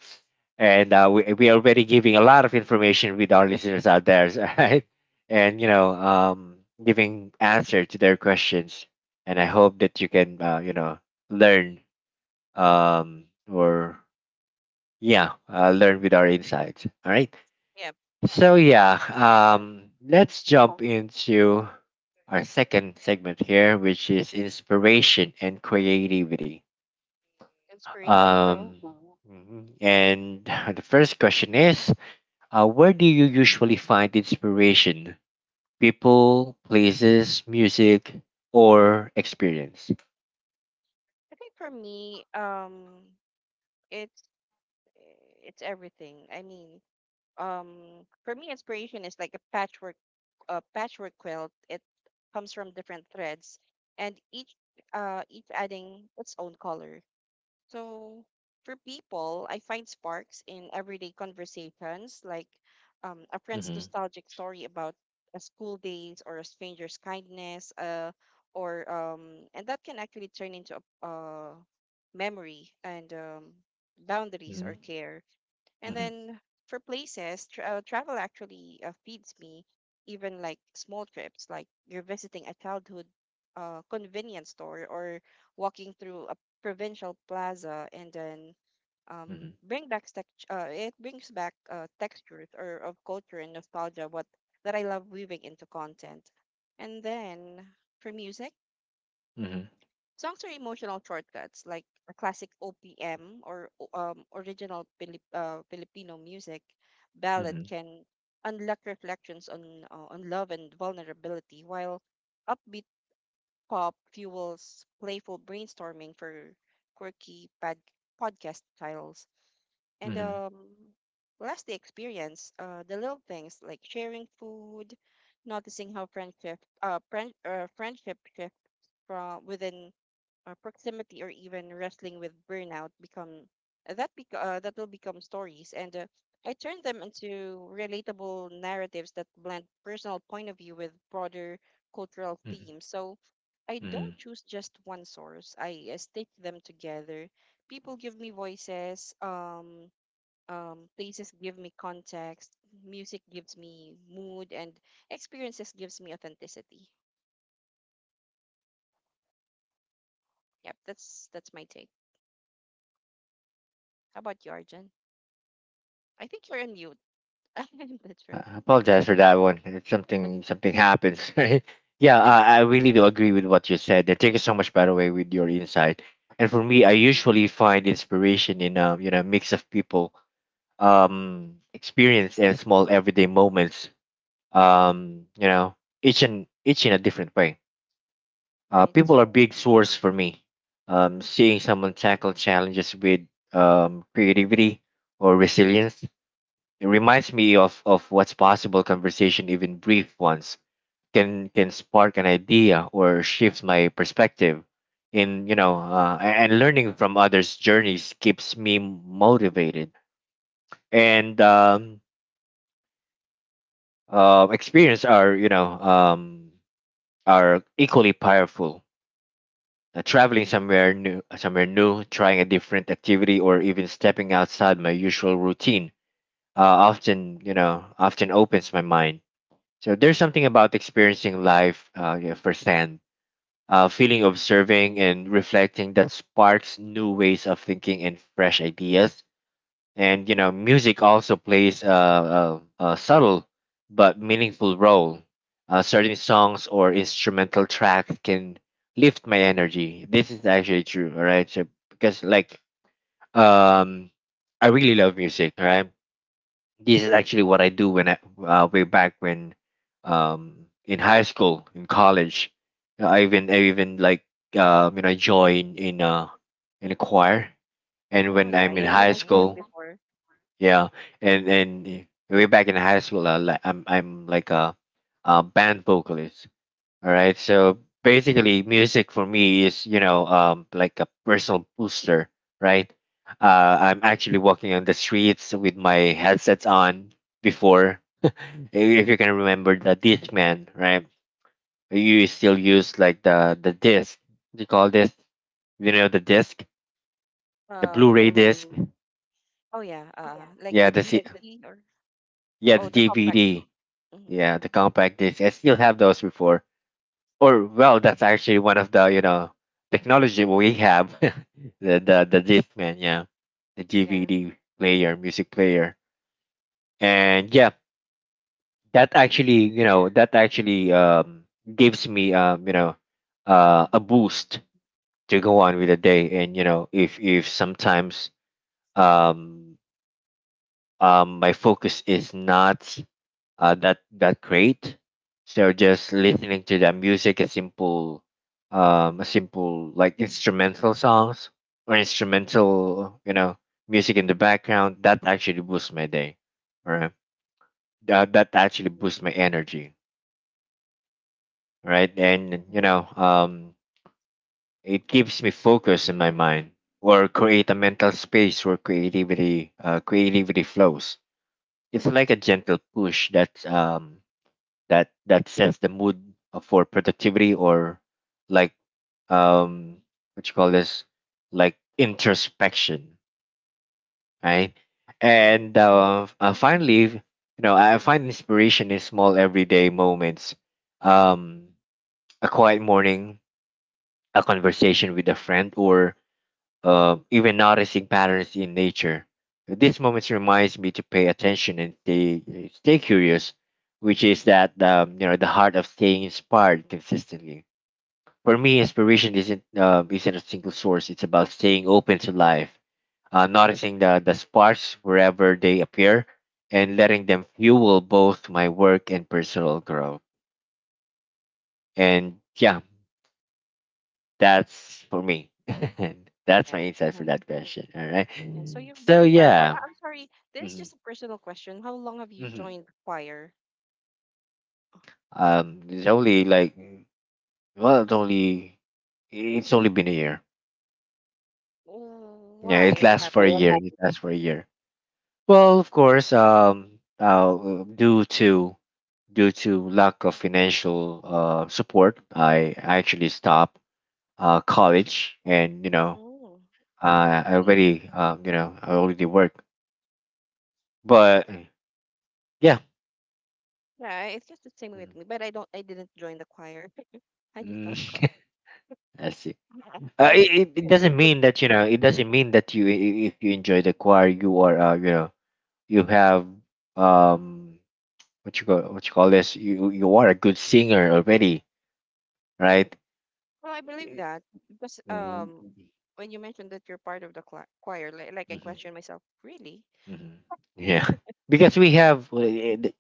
Speaker 1: and we are already giving a lot of information with our listeners out there. All right, and you know, giving answer to their questions. And I hope that you can you know, learn, or yeah, learn with our insights. All right.
Speaker 2: Yep.
Speaker 1: So yeah,
Speaker 2: Uh-huh.
Speaker 1: let's jump into our second segment here, which is inspiration and creativity.
Speaker 2: Inspiration, yeah.
Speaker 1: Um, mhm. And the first question is, where do you usually find inspiration? People, places, music, or experience?
Speaker 2: I think for me, it's it's everything. I mean, for me, inspiration is like a patchwork quilt. It comes from different threads, and each adding its own color. So for people, I find sparks in everyday conversations, like a friend's
Speaker 1: Mm-hmm.
Speaker 2: nostalgic story about a school days or a stranger's kindness, or and that can actually turn into a memory and boundaries
Speaker 1: Mm-hmm.
Speaker 2: or care. And then for places, travel actually feeds me, even like small trips, like you're visiting a childhood convenience store or walking through a provincial plaza, and then um,
Speaker 1: Mm-hmm.
Speaker 2: it brings back textures or of culture and nostalgia what that I love weaving into content. And then for music,
Speaker 1: Mm-hmm.
Speaker 2: Songs are emotional shortcuts, like a classic OPM or original Filipino music
Speaker 1: Mm-hmm.
Speaker 2: ballad can unlock reflections on love and vulnerability, while upbeat pop fuels playful brainstorming for quirky podcast titles. And
Speaker 1: Mm-hmm.
Speaker 2: Last, the experience, the little things like sharing food, noticing how friendship shifts from within proximity or even wrestling with burnout become that will become stories and I turn them into relatable narratives that blend personal point of view with broader cultural themes. So I don't
Speaker 1: Mm-hmm.
Speaker 2: choose just one source. I stitch them together. People give me voices. Places give me context, music gives me mood, and experiences gives me authenticity. Yep, that's my take. How about you, Arjun? I think you're in mute. That's right.
Speaker 1: I apologize for that one. It's something happens, right? Yeah,
Speaker 2: Yeah,
Speaker 1: I really do agree with what you said. And thank you so much, by the way, with your insight. And for me, I usually find inspiration in a, you know, mix of people, experience and small everyday moments. You know, each and each in a different way.
Speaker 2: right.
Speaker 1: People are big source for me. Seeing someone tackle challenges with creativity or resilience, it reminds me of what's possible. Conversation, even brief ones, can spark an idea or shift my perspective. In you know, and learning from others' journeys keeps me motivated. And experience are, you know, are equally powerful. Traveling somewhere new, trying a different activity, or even stepping outside my usual routine, often, you know, often opens my mind. So there's something about experiencing life, yeah, firsthand, feeling, observing and reflecting, that sparks new ways of thinking and fresh ideas. And you know, music also plays a subtle but meaningful role. Certain songs or instrumental tracks can lift my energy. This is actually true. All right, so because like um, I really love music. All right, this is actually what I do when I way back when in high school, in college. I even like, you know, join in a choir. And
Speaker 2: Oh
Speaker 1: when
Speaker 2: yeah,
Speaker 1: I'm in
Speaker 2: yeah. You
Speaker 1: high
Speaker 2: mentioned that
Speaker 1: school,
Speaker 2: before.
Speaker 1: yeah, and way back in high school, I'm like a band vocalist. All right. So basically, music for me is, you know, like a personal booster, right? I'm actually walking on the streets with my headsets on before. If you can remember the Discman, right? You still use like the disc. They call this, you know, the disc, the
Speaker 2: Um.
Speaker 1: Blu-ray disc.
Speaker 2: Oh yeah. Like the
Speaker 1: Yeah, the C-
Speaker 2: DVD or
Speaker 1: yeah,
Speaker 2: oh
Speaker 1: the
Speaker 2: the compact.
Speaker 1: DVD.
Speaker 2: Hmm.
Speaker 1: Yeah, the compact disc. I still have those before. Or well, that's actually one of the you know, technology we have, the Discman, yeah, the
Speaker 2: Yeah.
Speaker 1: DVD player, music player,
Speaker 2: Yeah.
Speaker 1: and yeah, that actually, you know, that actually gives me, you know, a boost to go on with the day. And you know, if sometimes um my focus is not that create. So just listening to the music, a simple, a simple, like, instrumental songs or instrumental, you know, music in the background. That actually boosts my day. All right, that actually
Speaker 2: Mm.
Speaker 1: boosts my energy. All right,
Speaker 2: Right.
Speaker 1: and you know, it keeps me focused in my mind or create a mental space where creativity flows. It's like a gentle push that that sets the mood for productivity or like um what you call this, like, introspection, right?
Speaker 2: Right.
Speaker 1: And finally, you know, I find inspiration in small everyday moments, um a quiet morning, a conversation with a friend, or even noticing patterns in nature. These moments reminds me to pay attention and stay stay curious, which is that, you know, the heart of staying inspired consistently. For me, inspiration isn't a single source. It's about staying open to life, noticing the sparks wherever they appear, and letting them fuel both my work and personal growth. And yeah, that's for me. That's
Speaker 2: Yeah.
Speaker 1: my insight for that question. All right.
Speaker 2: Yeah. So you've been
Speaker 1: So
Speaker 2: a choir for.
Speaker 1: yeah.
Speaker 2: I'm sorry. This is
Speaker 1: Mhm,
Speaker 2: just a personal question. How long have you
Speaker 1: mhm.
Speaker 2: joined choir?
Speaker 1: It's only like, well, it's only, it's only been a year.
Speaker 2: Oh,
Speaker 1: Yeah,
Speaker 2: why?
Speaker 1: it
Speaker 2: What
Speaker 1: lasts for a
Speaker 2: happened?
Speaker 1: year. It lasts for a year. Well, of course, due to lack of financial support, I actually stopped college, and you know,
Speaker 2: Oh, same with
Speaker 1: I
Speaker 2: me.
Speaker 1: already, you know, I already work, but yeah.
Speaker 2: Yeah, it's just the same
Speaker 1: Mhm.
Speaker 2: with me. But I don't. I didn't join the choir. I just
Speaker 1: Mm,
Speaker 2: stopped. Cause
Speaker 1: I see.
Speaker 2: I don't think
Speaker 1: It
Speaker 2: it
Speaker 1: doesn't
Speaker 2: would
Speaker 1: mean
Speaker 2: fit.
Speaker 1: that, you know, it doesn't mean that you if you enjoy the choir, you are, you know, you have, um what you call, what you call this, you are a good singer already, right?
Speaker 2: Well, I believe that because
Speaker 1: Mm-hmm.
Speaker 2: when you mentioned that you're part of the cla choir, like I questioned myself, really?
Speaker 1: hmm yeah, because we have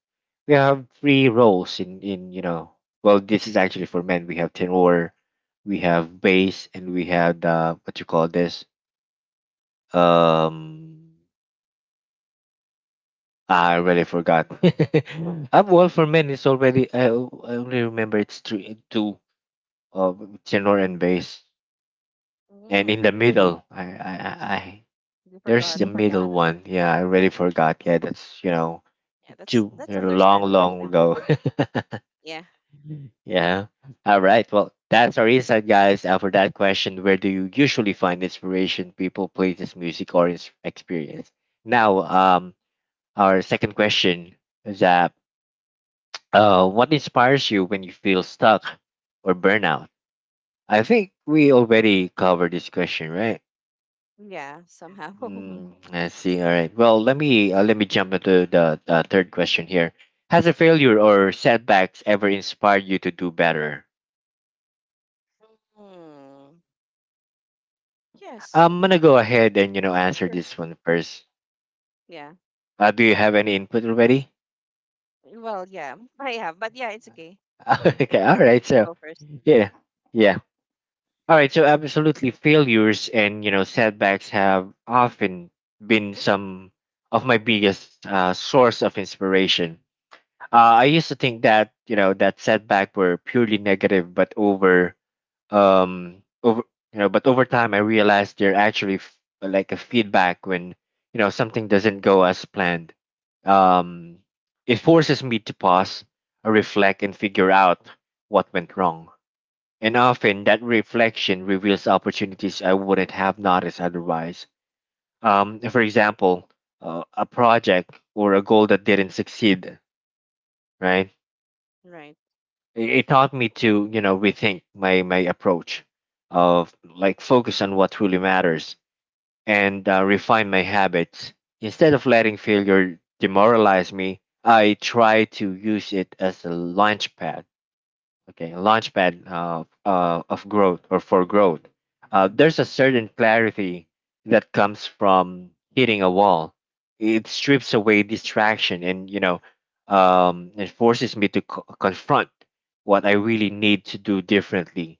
Speaker 1: we have three roles in in. Well, this is actually for men. We have tenor, we have bass, and we have the what you call this, um ah, I
Speaker 2: Yeah.
Speaker 1: already forgot. Up Wall for Men it's already. I only remember it's three, two of tenor and bass, and
Speaker 2: Mm.
Speaker 1: in the middle, I
Speaker 2: You
Speaker 1: there's
Speaker 2: forgot.
Speaker 1: the You middle
Speaker 2: That.
Speaker 1: one. Yeah, I already forgot. Yeah, that's
Speaker 2: Yeah, that's
Speaker 1: two
Speaker 2: that's
Speaker 1: long,
Speaker 2: understandable.
Speaker 1: long ago.
Speaker 2: Yeah,
Speaker 1: yeah. All right. Well, that's our insight, guys. For that question, where do you usually find inspiration? People, places, music, or experience? Now, our second question is that, what inspires you when you feel stuck or burnout? I think we already covered this question, right?
Speaker 2: yeah, somehow.
Speaker 1: Mm, I see. All right. Well, let me jump into the third question here. Has a failure or setbacks ever inspired you to do better?
Speaker 2: Hmm. Yes, of
Speaker 1: I'm gonna
Speaker 2: course.
Speaker 1: go ahead and answer
Speaker 2: Sure.
Speaker 1: this one first.
Speaker 2: Yeah.
Speaker 1: Do you have any input already?
Speaker 2: Well, yeah, I have, but yeah, it's okay.
Speaker 1: okay. All right.
Speaker 2: You
Speaker 1: So,
Speaker 2: go first.
Speaker 1: yeah, yeah. All right, so absolutely failures and setbacks have often been some of my biggest source of inspiration. I used to think that that setback were purely negative, but over over you know but over time I realized they're actually like a feedback when something doesn't go as planned. Um, it forces me to pause, reflect, and figure out what went wrong, and often that reflection reveals opportunities I wouldn't have noticed otherwise. For example, a project or a goal that didn't succeed, right?
Speaker 2: Right,
Speaker 1: It taught me to, you know, rethink my approach, of like focus on what truly matters, and refine my habits. Instead of letting failure demoralize me, I try to use it as a launch pad, okay, a launchpad, of growth, or for growth. Uh, there's a certain clarity that comes from hitting a wall. It strips away distraction, and it forces me to confront what I really need to do differently.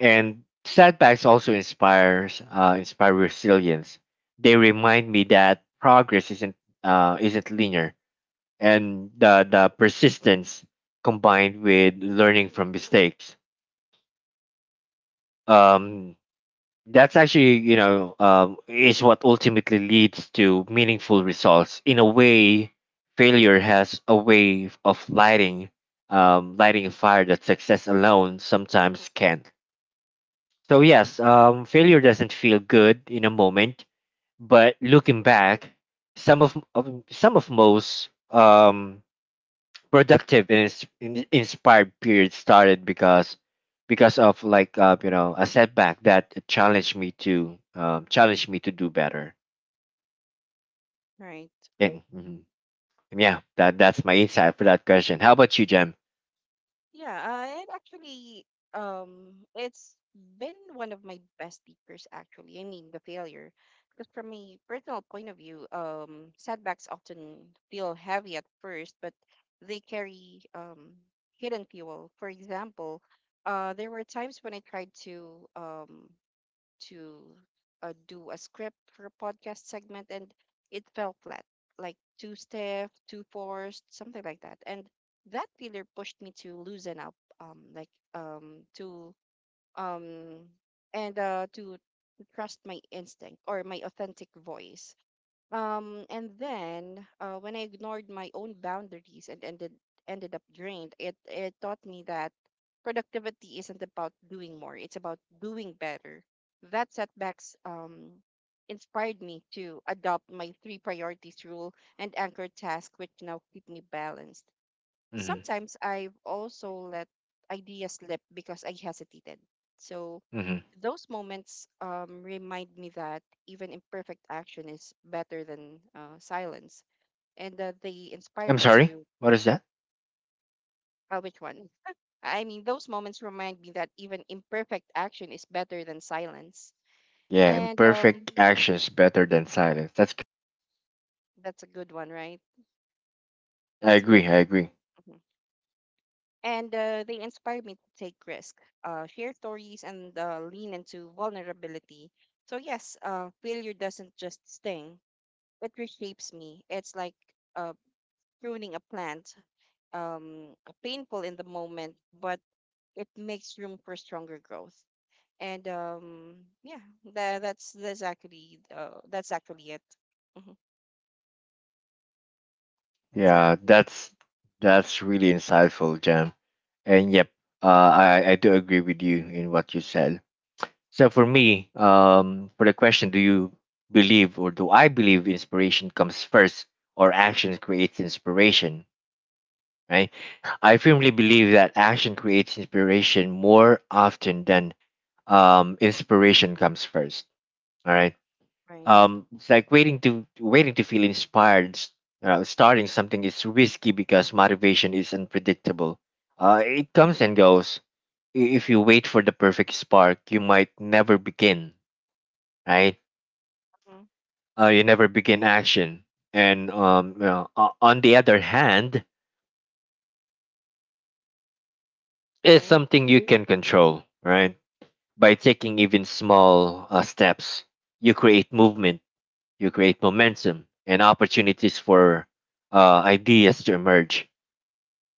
Speaker 1: And setbacks also inspire resilience. They remind me that progress isn't linear, and the persistence combined with learning from mistakes, um, that's actually is what ultimately leads to meaningful results. In a way, failure has a way of lighting a fire that success alone sometimes can't. So yes, failure doesn't feel good in a moment, but looking back, of some of most productive and inspired period started because of like a setback that challenged me to do better.
Speaker 2: right.
Speaker 1: And mhm. Yeah, that that's my insight for that question. How about you, Jem?
Speaker 2: Yeah, it actually it's been one of my best teachers actually. I mean the failure. Because from a personal point of view, setbacks often feel heavy at first, but they carry hidden fuel. For example, there were times when I tried to to do a script for a podcast segment, and it fell flat, like too stiff, too forced, something like that. And that feeler pushed me to loosen up, um, to trust my instinct or my authentic voice. And then When I ignored my own boundaries and ended up drained, it taught me that productivity isn't about doing more; it's about doing better. That setbacks inspired me to adopt my three priorities rule and anchor task, which now keep me balanced.
Speaker 1: Hmm.
Speaker 2: Sometimes I've also let ideas slip because I hesitated. So
Speaker 1: Hmm.
Speaker 2: those moments remind me that even imperfect action is better than silence, and that they inspire
Speaker 1: I'm
Speaker 2: me
Speaker 1: sorry,
Speaker 2: to.
Speaker 1: what is that?
Speaker 2: Which one? I mean, those moments remind me that even imperfect action is better than silence,
Speaker 1: Yeah,
Speaker 2: and
Speaker 1: imperfect actions better than silence, that's good.
Speaker 2: that's a good one, right?
Speaker 1: I
Speaker 2: It's a
Speaker 1: agree,
Speaker 2: very
Speaker 1: I
Speaker 2: good one.
Speaker 1: agree.
Speaker 2: Mm-hmm. And they inspire me to take risks, share stories, and lean into vulnerability. So yes, failure doesn't just sting; it reshapes me. It's like uh, pruning a plant, um, painful in the moment, but it makes room for stronger growth. And Yeah, that's actually it. Hmm. That's
Speaker 1: Yeah,
Speaker 2: actually it.
Speaker 1: that's really insightful, Jem. And yep, uh, I do agree with you in what you said. So for me, for the question, do you believe, or do I believe inspiration comes first or action creates inspiration? Right? I firmly believe that action creates inspiration more often than inspiration comes first. All right.
Speaker 2: Right.
Speaker 1: It's like waiting to feel inspired. Starting something is risky because motivation is unpredictable. It comes and goes. If you wait for the perfect spark, you might never begin. Right,
Speaker 2: Hmm.
Speaker 1: you never begin action. And on the other hand, it's
Speaker 2: Right.
Speaker 1: something you can control, right? By taking even small steps, you create movement, you create momentum, and opportunities for ideas to emerge.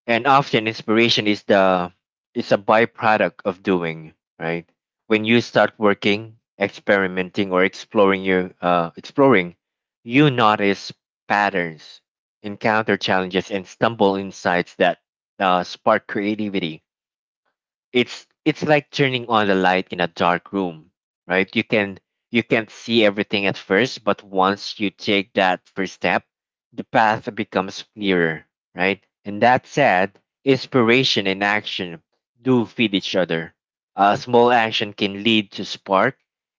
Speaker 1: And often inspiration is a byproduct of doing, right? When you start working, experimenting, or exploring, you notice patterns, encounter challenges, and stumble insights that spark creativity. It's like turning on the light in a dark room. Right, you can, you can't see everything at first, but once you take that first step, the path becomes clearer, right? And that said, inspiration and action do feed each other. A small action can lead to spark,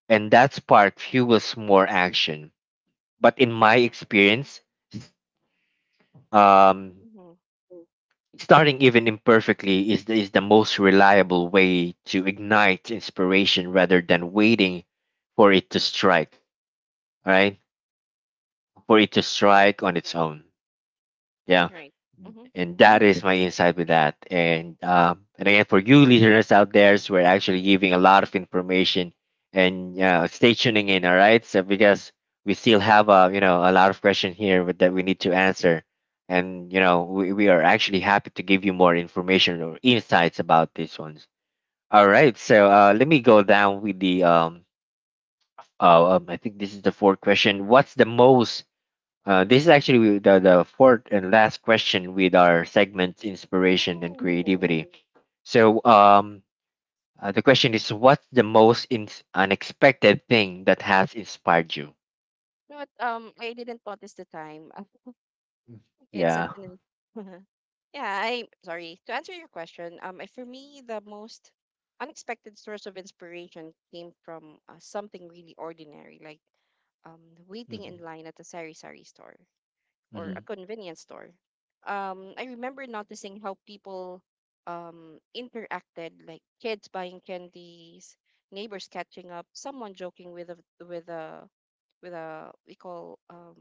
Speaker 1: and that spark fuels more action. But in my experience, um
Speaker 2: Hmm.
Speaker 1: starting even imperfectly is the most reliable way to ignite inspiration rather than waiting for it to strike, right? For it to
Speaker 2: Right.
Speaker 1: strike on its own. Yeah.
Speaker 2: Right. Hmm.
Speaker 1: And that is my insight with that. And again, for you listeners out there, so we're actually giving a lot of information. And stay tuning in, all right? So because we still have a a lot of questions here that we need to answer, and we are actually happy to give you more information or insights about these ones. All right, so let me go down with the I think this is the fourth question. What's the most this is actually the fourth and last question with our segment inspiration and
Speaker 2: Oh.
Speaker 1: creativity. So, the question is what's the most unexpected thing that has inspired you?
Speaker 2: No, what? I didn't notice the time.
Speaker 1: Mm.
Speaker 2: It's such
Speaker 1: Yeah.
Speaker 2: an yeah. I sorry to answer your question. I- for me, the most unexpected source of inspiration came from something really ordinary, like waiting in
Speaker 1: Mm-hmm.
Speaker 2: line at a sari-sari store or
Speaker 1: Mm-hmm.
Speaker 2: a convenience store. I remember noticing how people interacted, like kids buying candies, neighbors catching up, someone joking with a with a with a we call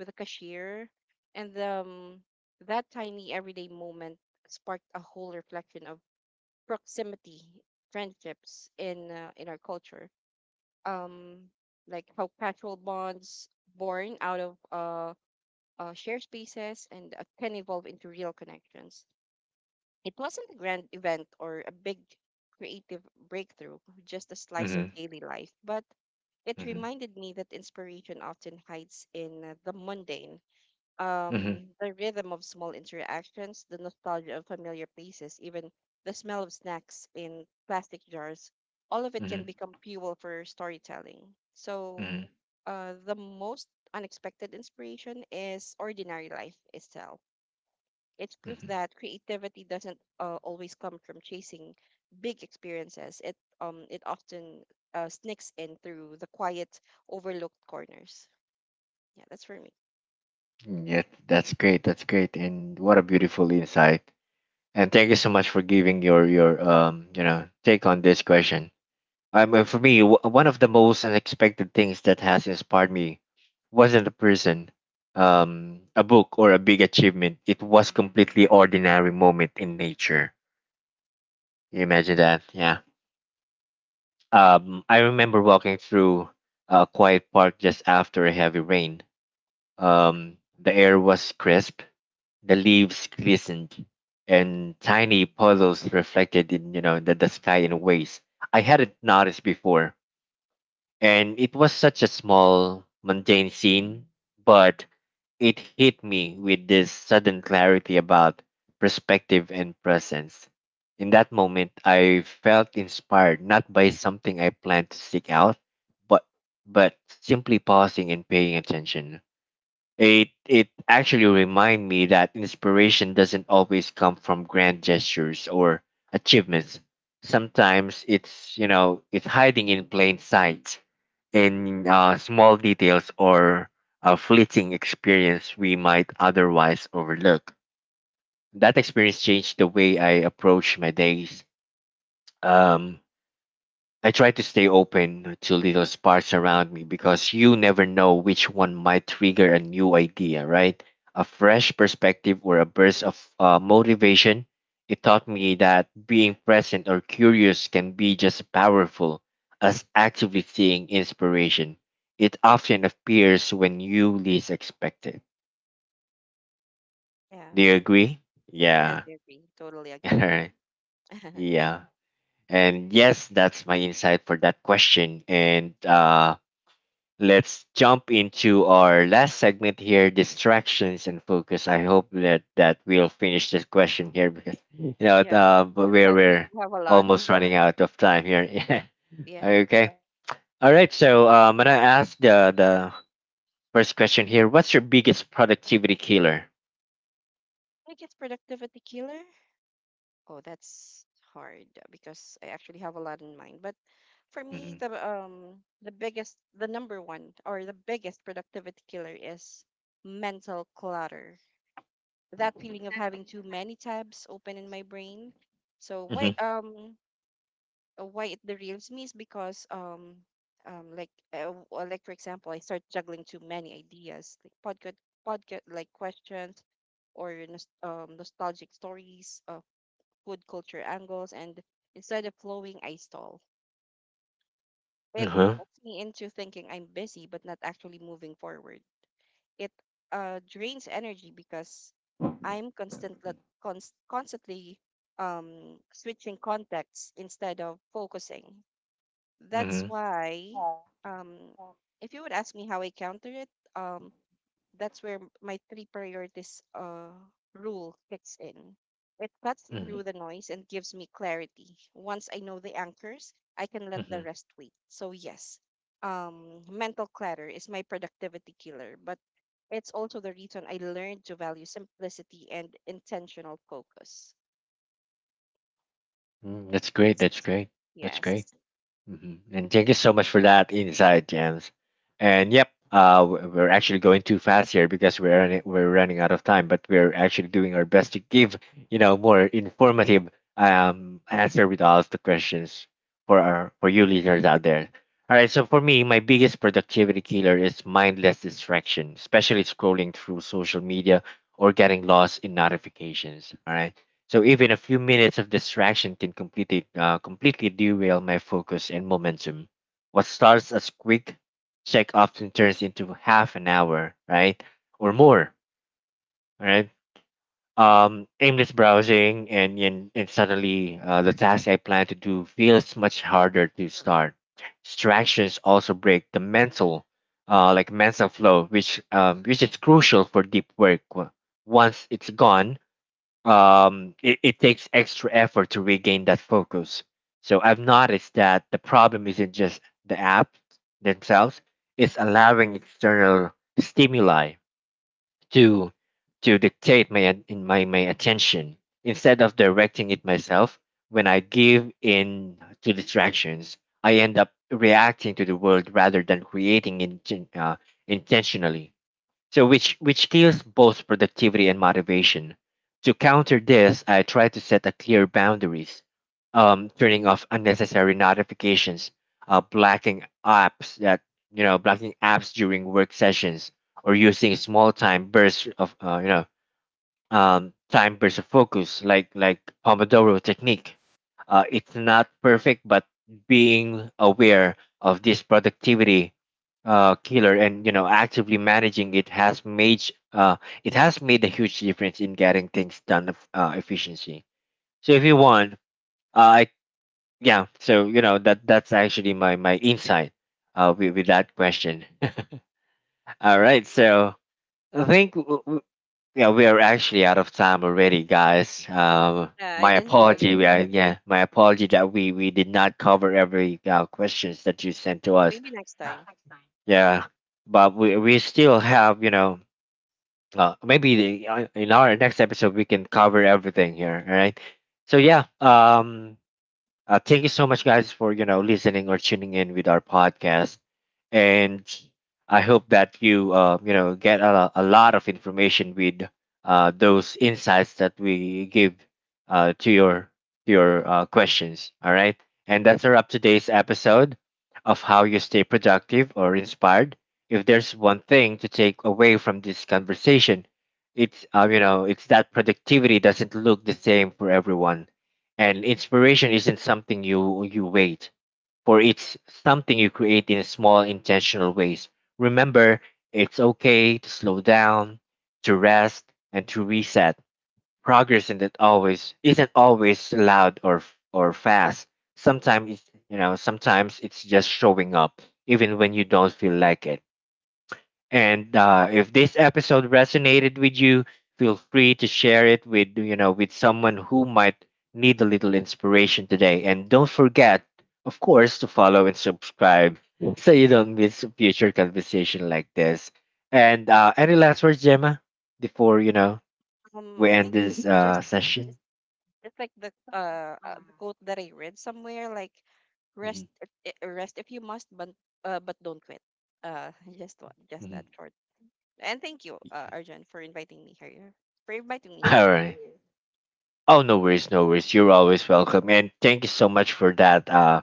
Speaker 2: with a cashier, and that tiny everyday moment sparked a whole reflection of proximity, friendships in our culture. Um, like how casual bonds born out of shared spaces and can evolve into real connections. It wasn't a grand event or a big creative breakthrough, just a slice
Speaker 1: Mm-hmm.
Speaker 2: of daily life, but it
Speaker 1: Mm-hmm.
Speaker 2: reminded me that inspiration often hides in the mundane, the rhythm of small interactions, the nostalgia of familiar places, even the smell of snacks in plastic jars, all of it can
Speaker 1: Mm-hmm.
Speaker 2: become fuel for storytelling. So,
Speaker 1: Mm-hmm.
Speaker 2: the most unexpected inspiration is ordinary life itself. It's proof
Speaker 1: Mm-hmm.
Speaker 2: that creativity doesn't always come from chasing big experiences. It often sneaks in through the quiet, overlooked corners. Yeah, that's for me.
Speaker 1: Yes, that's great. That's great. And what a beautiful insight. And thank you so much for giving your take on this question. For me, one of the most unexpected things that has inspired me wasn't a person, a book, or a big achievement. It was completely ordinary moment in nature. You imagine that? Yeah. I remember walking through a quiet park just after a heavy rain. The air was crisp, the leaves glistened, and tiny puddles reflected in the sky in ways I hadn't noticed before. And it was such a small, mundane scene, but it hit me with this sudden clarity about perspective and presence. In that moment, I felt inspired not by something I planned to seek out, but simply pausing and paying attention. It actually remind me that inspiration doesn't always come from grand gestures or achievements. Sometimes it's you know it's hiding in plain sight, in small details or a fleeting experience we might otherwise overlook. That experience changed the way I approach my days. Um, I try to stay open to little sparks around me because you never know which one might trigger a new idea, right? A fresh perspective or a burst of motivation. It taught me that being present or curious can be just as powerful as actively seeking inspiration. It often appears when you least expect it.
Speaker 2: Yeah.
Speaker 1: Do you agree?
Speaker 2: Yes,
Speaker 1: Yeah.
Speaker 2: I agree. Totally
Speaker 1: All
Speaker 2: agree.
Speaker 1: right. Yeah. And yes, that's my insight for that question. And let's jump into our last segment here, distractions and focus. I hope that we'll finish this question here because you know
Speaker 2: Yep.
Speaker 1: but
Speaker 2: I think
Speaker 1: we're
Speaker 2: you have a lot.
Speaker 1: almost running out of time here. Yeah.
Speaker 2: Yeah.
Speaker 1: Okay, all right, so I'm gonna ask the first question here: what's your biggest productivity killer?
Speaker 2: I guess productivity killer. Oh, that's hard because I actually have a lot in mind. But for me,
Speaker 1: Mm-hmm.
Speaker 2: the biggest, the number one or the biggest productivity killer is mental clutter. That feeling of having too many tabs open in my brain. So
Speaker 1: Mm-hmm.
Speaker 2: why it derails me is because like for example I start juggling too many ideas like podcast like questions or nostalgic stories food culture angles and instead of flowing I stall. It
Speaker 1: Uh-huh.
Speaker 2: puts me into thinking I'm busy but not actually moving forward. It drains energy because I'm constant like, const- constantly switching contexts instead of focusing. That's
Speaker 1: Mm-hmm.
Speaker 2: why, um, if you would ask me how I counter it, um, that's where my three priorities rule kicks in. It cuts
Speaker 1: Mm-hmm.
Speaker 2: through the noise and gives me clarity. Once I know the anchors, I can let
Speaker 1: Mm-hmm.
Speaker 2: the rest wait. So, yes, mental clutter is my productivity killer, but it's also the reason I learned to value simplicity and intentional focus.
Speaker 1: Mm-hmm.
Speaker 2: Yep,
Speaker 1: That's great,
Speaker 2: that's,
Speaker 1: that's great, that's great.
Speaker 2: yes.
Speaker 1: Hmm. And thank you so much for that insight, James. And yep, we're actually going too fast here because we're running out of time. But we're actually doing our best to give more informative answer with all of the questions for our for you listeners out there. All right, so for me, my biggest productivity killer is mindless distraction, especially scrolling through social media or getting lost in notifications. All right, so even a few minutes of distraction can completely derail my focus and momentum. What starts as quick check often turns into half an hour, right, or more, right? Aimless browsing and and suddenly the task I plan to do feels much harder to start. Distractions also break the mental, like mental flow, which is crucial for deep work. Once it's gone, it takes extra effort to regain that focus. So I've noticed that the problem isn't just the apps themselves, it's allowing external stimuli to dictate my at- in my, my attention instead of directing it myself when I give in to distractions. I end up reacting to the world rather than creating intentionally. So which kills both productivity and motivation. To counter this, I try to set a clear boundaries, turning off unnecessary notifications, blocking apps that you know blocking apps during work sessions, or using small time bursts of time versus focus, like Pomodoro technique. It's not perfect, but being aware of this productivity killer and actively managing uh, it has made a huge difference in getting things done of, efficiency. So if you want, I yeah, so that that's actually my insight with that question. All right, so I think yeah, we are actually out of time already, guys.
Speaker 2: Yeah, I
Speaker 1: My
Speaker 2: didn't know
Speaker 1: apology.
Speaker 2: this.
Speaker 1: We are, yeah, my apology that we did not cover every questions that you sent to us.
Speaker 2: Maybe next time.
Speaker 1: Yeah, but we still have maybe in our next episode we can cover everything here. All right. So yeah. Thank you so much, guys, for listening or tuning in with our podcast, and I hope that get a lot of information with those insights that we give uh, to your to your questions. All right, and that's our up today's episode of how you stay productive or inspired. If there's one thing to take away from this conversation, it's you know it's that productivity doesn't look the same for everyone and inspiration isn't something you wait for. It's something you create in small intentional ways. Remember, it's okay to slow down, to rest, and to reset. Progress isn't always loud or fast. Sometimes it's you know sometimes it's just showing up, even when you don't feel like it. And if this episode resonated with you, feel free to share it with with someone who might need a little inspiration today. And don't forget, of course, to follow and subscribe so you don't miss a future conversation like this. And any last words, Gemma, before we
Speaker 2: I
Speaker 1: end
Speaker 2: think
Speaker 1: this
Speaker 2: just
Speaker 1: session?
Speaker 2: just, just like the quote that I read somewhere, like
Speaker 1: Mhm,
Speaker 2: rest if you must, but don't quit. Uh, just what, just that
Speaker 1: mhm.
Speaker 2: short. And thank you, Arjun, for inviting me here. For inviting me here.
Speaker 1: All right. Oh, no worries, no worries. You're always welcome. And thank you so much for that.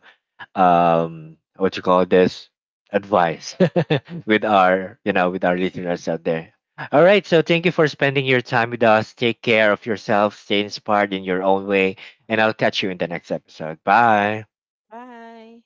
Speaker 1: um, what you call this, advice with our with our listeners out there. All right, so thank you for spending your time with us. Take care of yourself, stay inspired in your own way, and I'll catch you in the next episode. Bye.
Speaker 2: Bye.